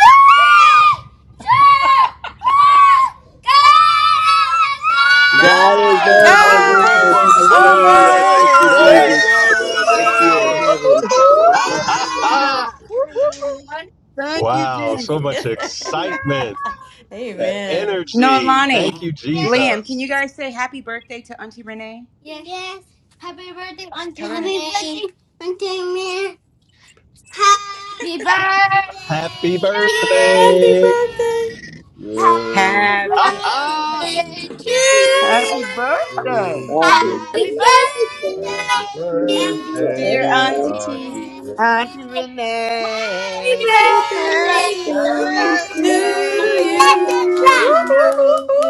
Speaker 6: God's
Speaker 12: God is
Speaker 1: God's
Speaker 12: over
Speaker 6: over
Speaker 12: this.
Speaker 9: Guys.
Speaker 1: over
Speaker 6: this.
Speaker 12: Hallelujah.
Speaker 9: Over.
Speaker 12: Thank you,
Speaker 14: God's
Speaker 12: Jesus.
Speaker 13: Yay.
Speaker 1: this.
Speaker 14: over
Speaker 12: You
Speaker 9: This.
Speaker 6: Amen.
Speaker 12: are
Speaker 14: this.
Speaker 9: Ooh, ooh,
Speaker 12: in heaven.
Speaker 9: ooh.
Speaker 13: Hallelujah. Thank you,
Speaker 1: wow, so
Speaker 13: Jesus.
Speaker 1: much excitement. That
Speaker 9: Amen.
Speaker 4: No,
Speaker 1: energy.
Speaker 4: Alani,
Speaker 1: Thank you,
Speaker 10: Yes.
Speaker 4: Lamb, can
Speaker 1: Jesus.
Speaker 4: you guys say happy birthday to Auntie Renee?
Speaker 10: Yes. Yes. Happy birthday, Auntie May. Happy
Speaker 4: Tell her
Speaker 10: birthday, Auntie May. Happy
Speaker 1: Happy
Speaker 10: birthday to
Speaker 9: Happy
Speaker 1: birthday.
Speaker 10: you.
Speaker 9: birthday
Speaker 10: Happy
Speaker 14: You
Speaker 1: Ah,
Speaker 4: happy,
Speaker 10: birthday to
Speaker 1: ha!
Speaker 14: happy birthday,
Speaker 10: you.
Speaker 13: Happy birthday,
Speaker 14: to
Speaker 10: Happy
Speaker 14: you.
Speaker 10: birthday, to
Speaker 14: Happy
Speaker 10: you. Happy
Speaker 4: dear
Speaker 14: birthday,
Speaker 4: Auntie.
Speaker 14: Auntie.
Speaker 10: birthday
Speaker 14: Happy
Speaker 13: Auntie Renee.
Speaker 10: to
Speaker 13: Happy
Speaker 9: to
Speaker 6: Woo
Speaker 10: you.
Speaker 14: birthday.
Speaker 13: birthday
Speaker 9: you.
Speaker 13: to
Speaker 10: Let us
Speaker 9: Woo, woo,
Speaker 10: laugh.
Speaker 13: you.
Speaker 9: woo, woo.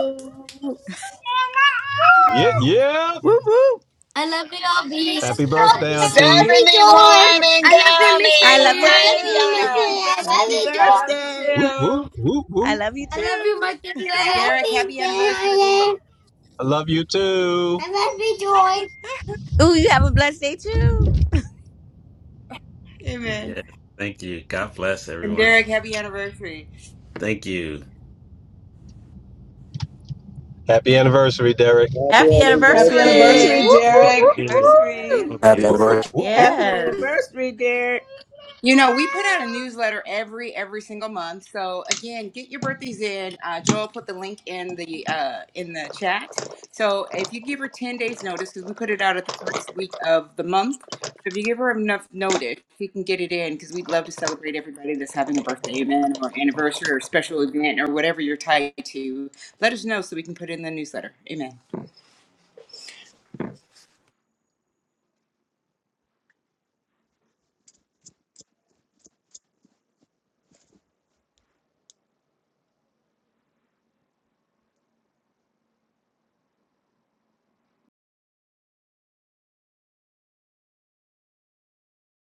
Speaker 1: Yeah, yeah.
Speaker 6: woo.
Speaker 10: I love you, all bees. I
Speaker 1: Happy
Speaker 10: love
Speaker 1: birthday,
Speaker 10: you, I
Speaker 1: Auntie.
Speaker 10: love
Speaker 6: We,
Speaker 10: you,
Speaker 11: 71
Speaker 10: George. I
Speaker 11: and
Speaker 10: love you, Miss Diane.
Speaker 6: I
Speaker 10: I
Speaker 11: counting.
Speaker 6: love you
Speaker 10: love
Speaker 11: Praise
Speaker 10: you,
Speaker 6: too.
Speaker 10: Miss Diane. I love
Speaker 13: Happy
Speaker 10: you,
Speaker 4: I
Speaker 10: George.
Speaker 4: love you
Speaker 13: birthday.
Speaker 1: Woo, woo,
Speaker 4: too.
Speaker 1: woo,
Speaker 6: I
Speaker 1: woo.
Speaker 6: love you
Speaker 10: I love you,
Speaker 6: too.
Speaker 10: Miss Diane. I love
Speaker 4: Derek,
Speaker 10: you,
Speaker 4: happy anniversary.
Speaker 10: Diane.
Speaker 1: I love you too.
Speaker 10: I love you, Joy.
Speaker 6: Ooh, you have a blessed day too.
Speaker 4: Amen.
Speaker 3: Yeah, thank you. God bless
Speaker 4: And
Speaker 3: everyone.
Speaker 4: Derek, happy anniversary.
Speaker 3: Thank you.
Speaker 1: Happy anniversary, Derek.
Speaker 12: Happy
Speaker 9: Happy
Speaker 7: happy
Speaker 12: anniversary.
Speaker 9: anniversary.
Speaker 7: anniversary
Speaker 9: Woo,
Speaker 11: God.
Speaker 9: woo,
Speaker 7: derek
Speaker 9: woo,
Speaker 6: Anniversary.
Speaker 9: woo.
Speaker 15: happy
Speaker 1: Woo,
Speaker 15: anniversary.
Speaker 1: woo, woo, woo.
Speaker 13: Happy
Speaker 9: Yes.
Speaker 13: anniversary, dear.
Speaker 4: You know, we put out a newsletter every every single month. So again, get your birthdays in. Uh, Joel put the link in the uh, in the chat. So if you give her ten days notice, because we put it out at the first week of the month, so if you give her enough notice, she can get it in. Because we'd love to celebrate everybody that's having a birthday event or anniversary or special event or whatever you're tied to. Let us know so we can put it in the newsletter. Amen.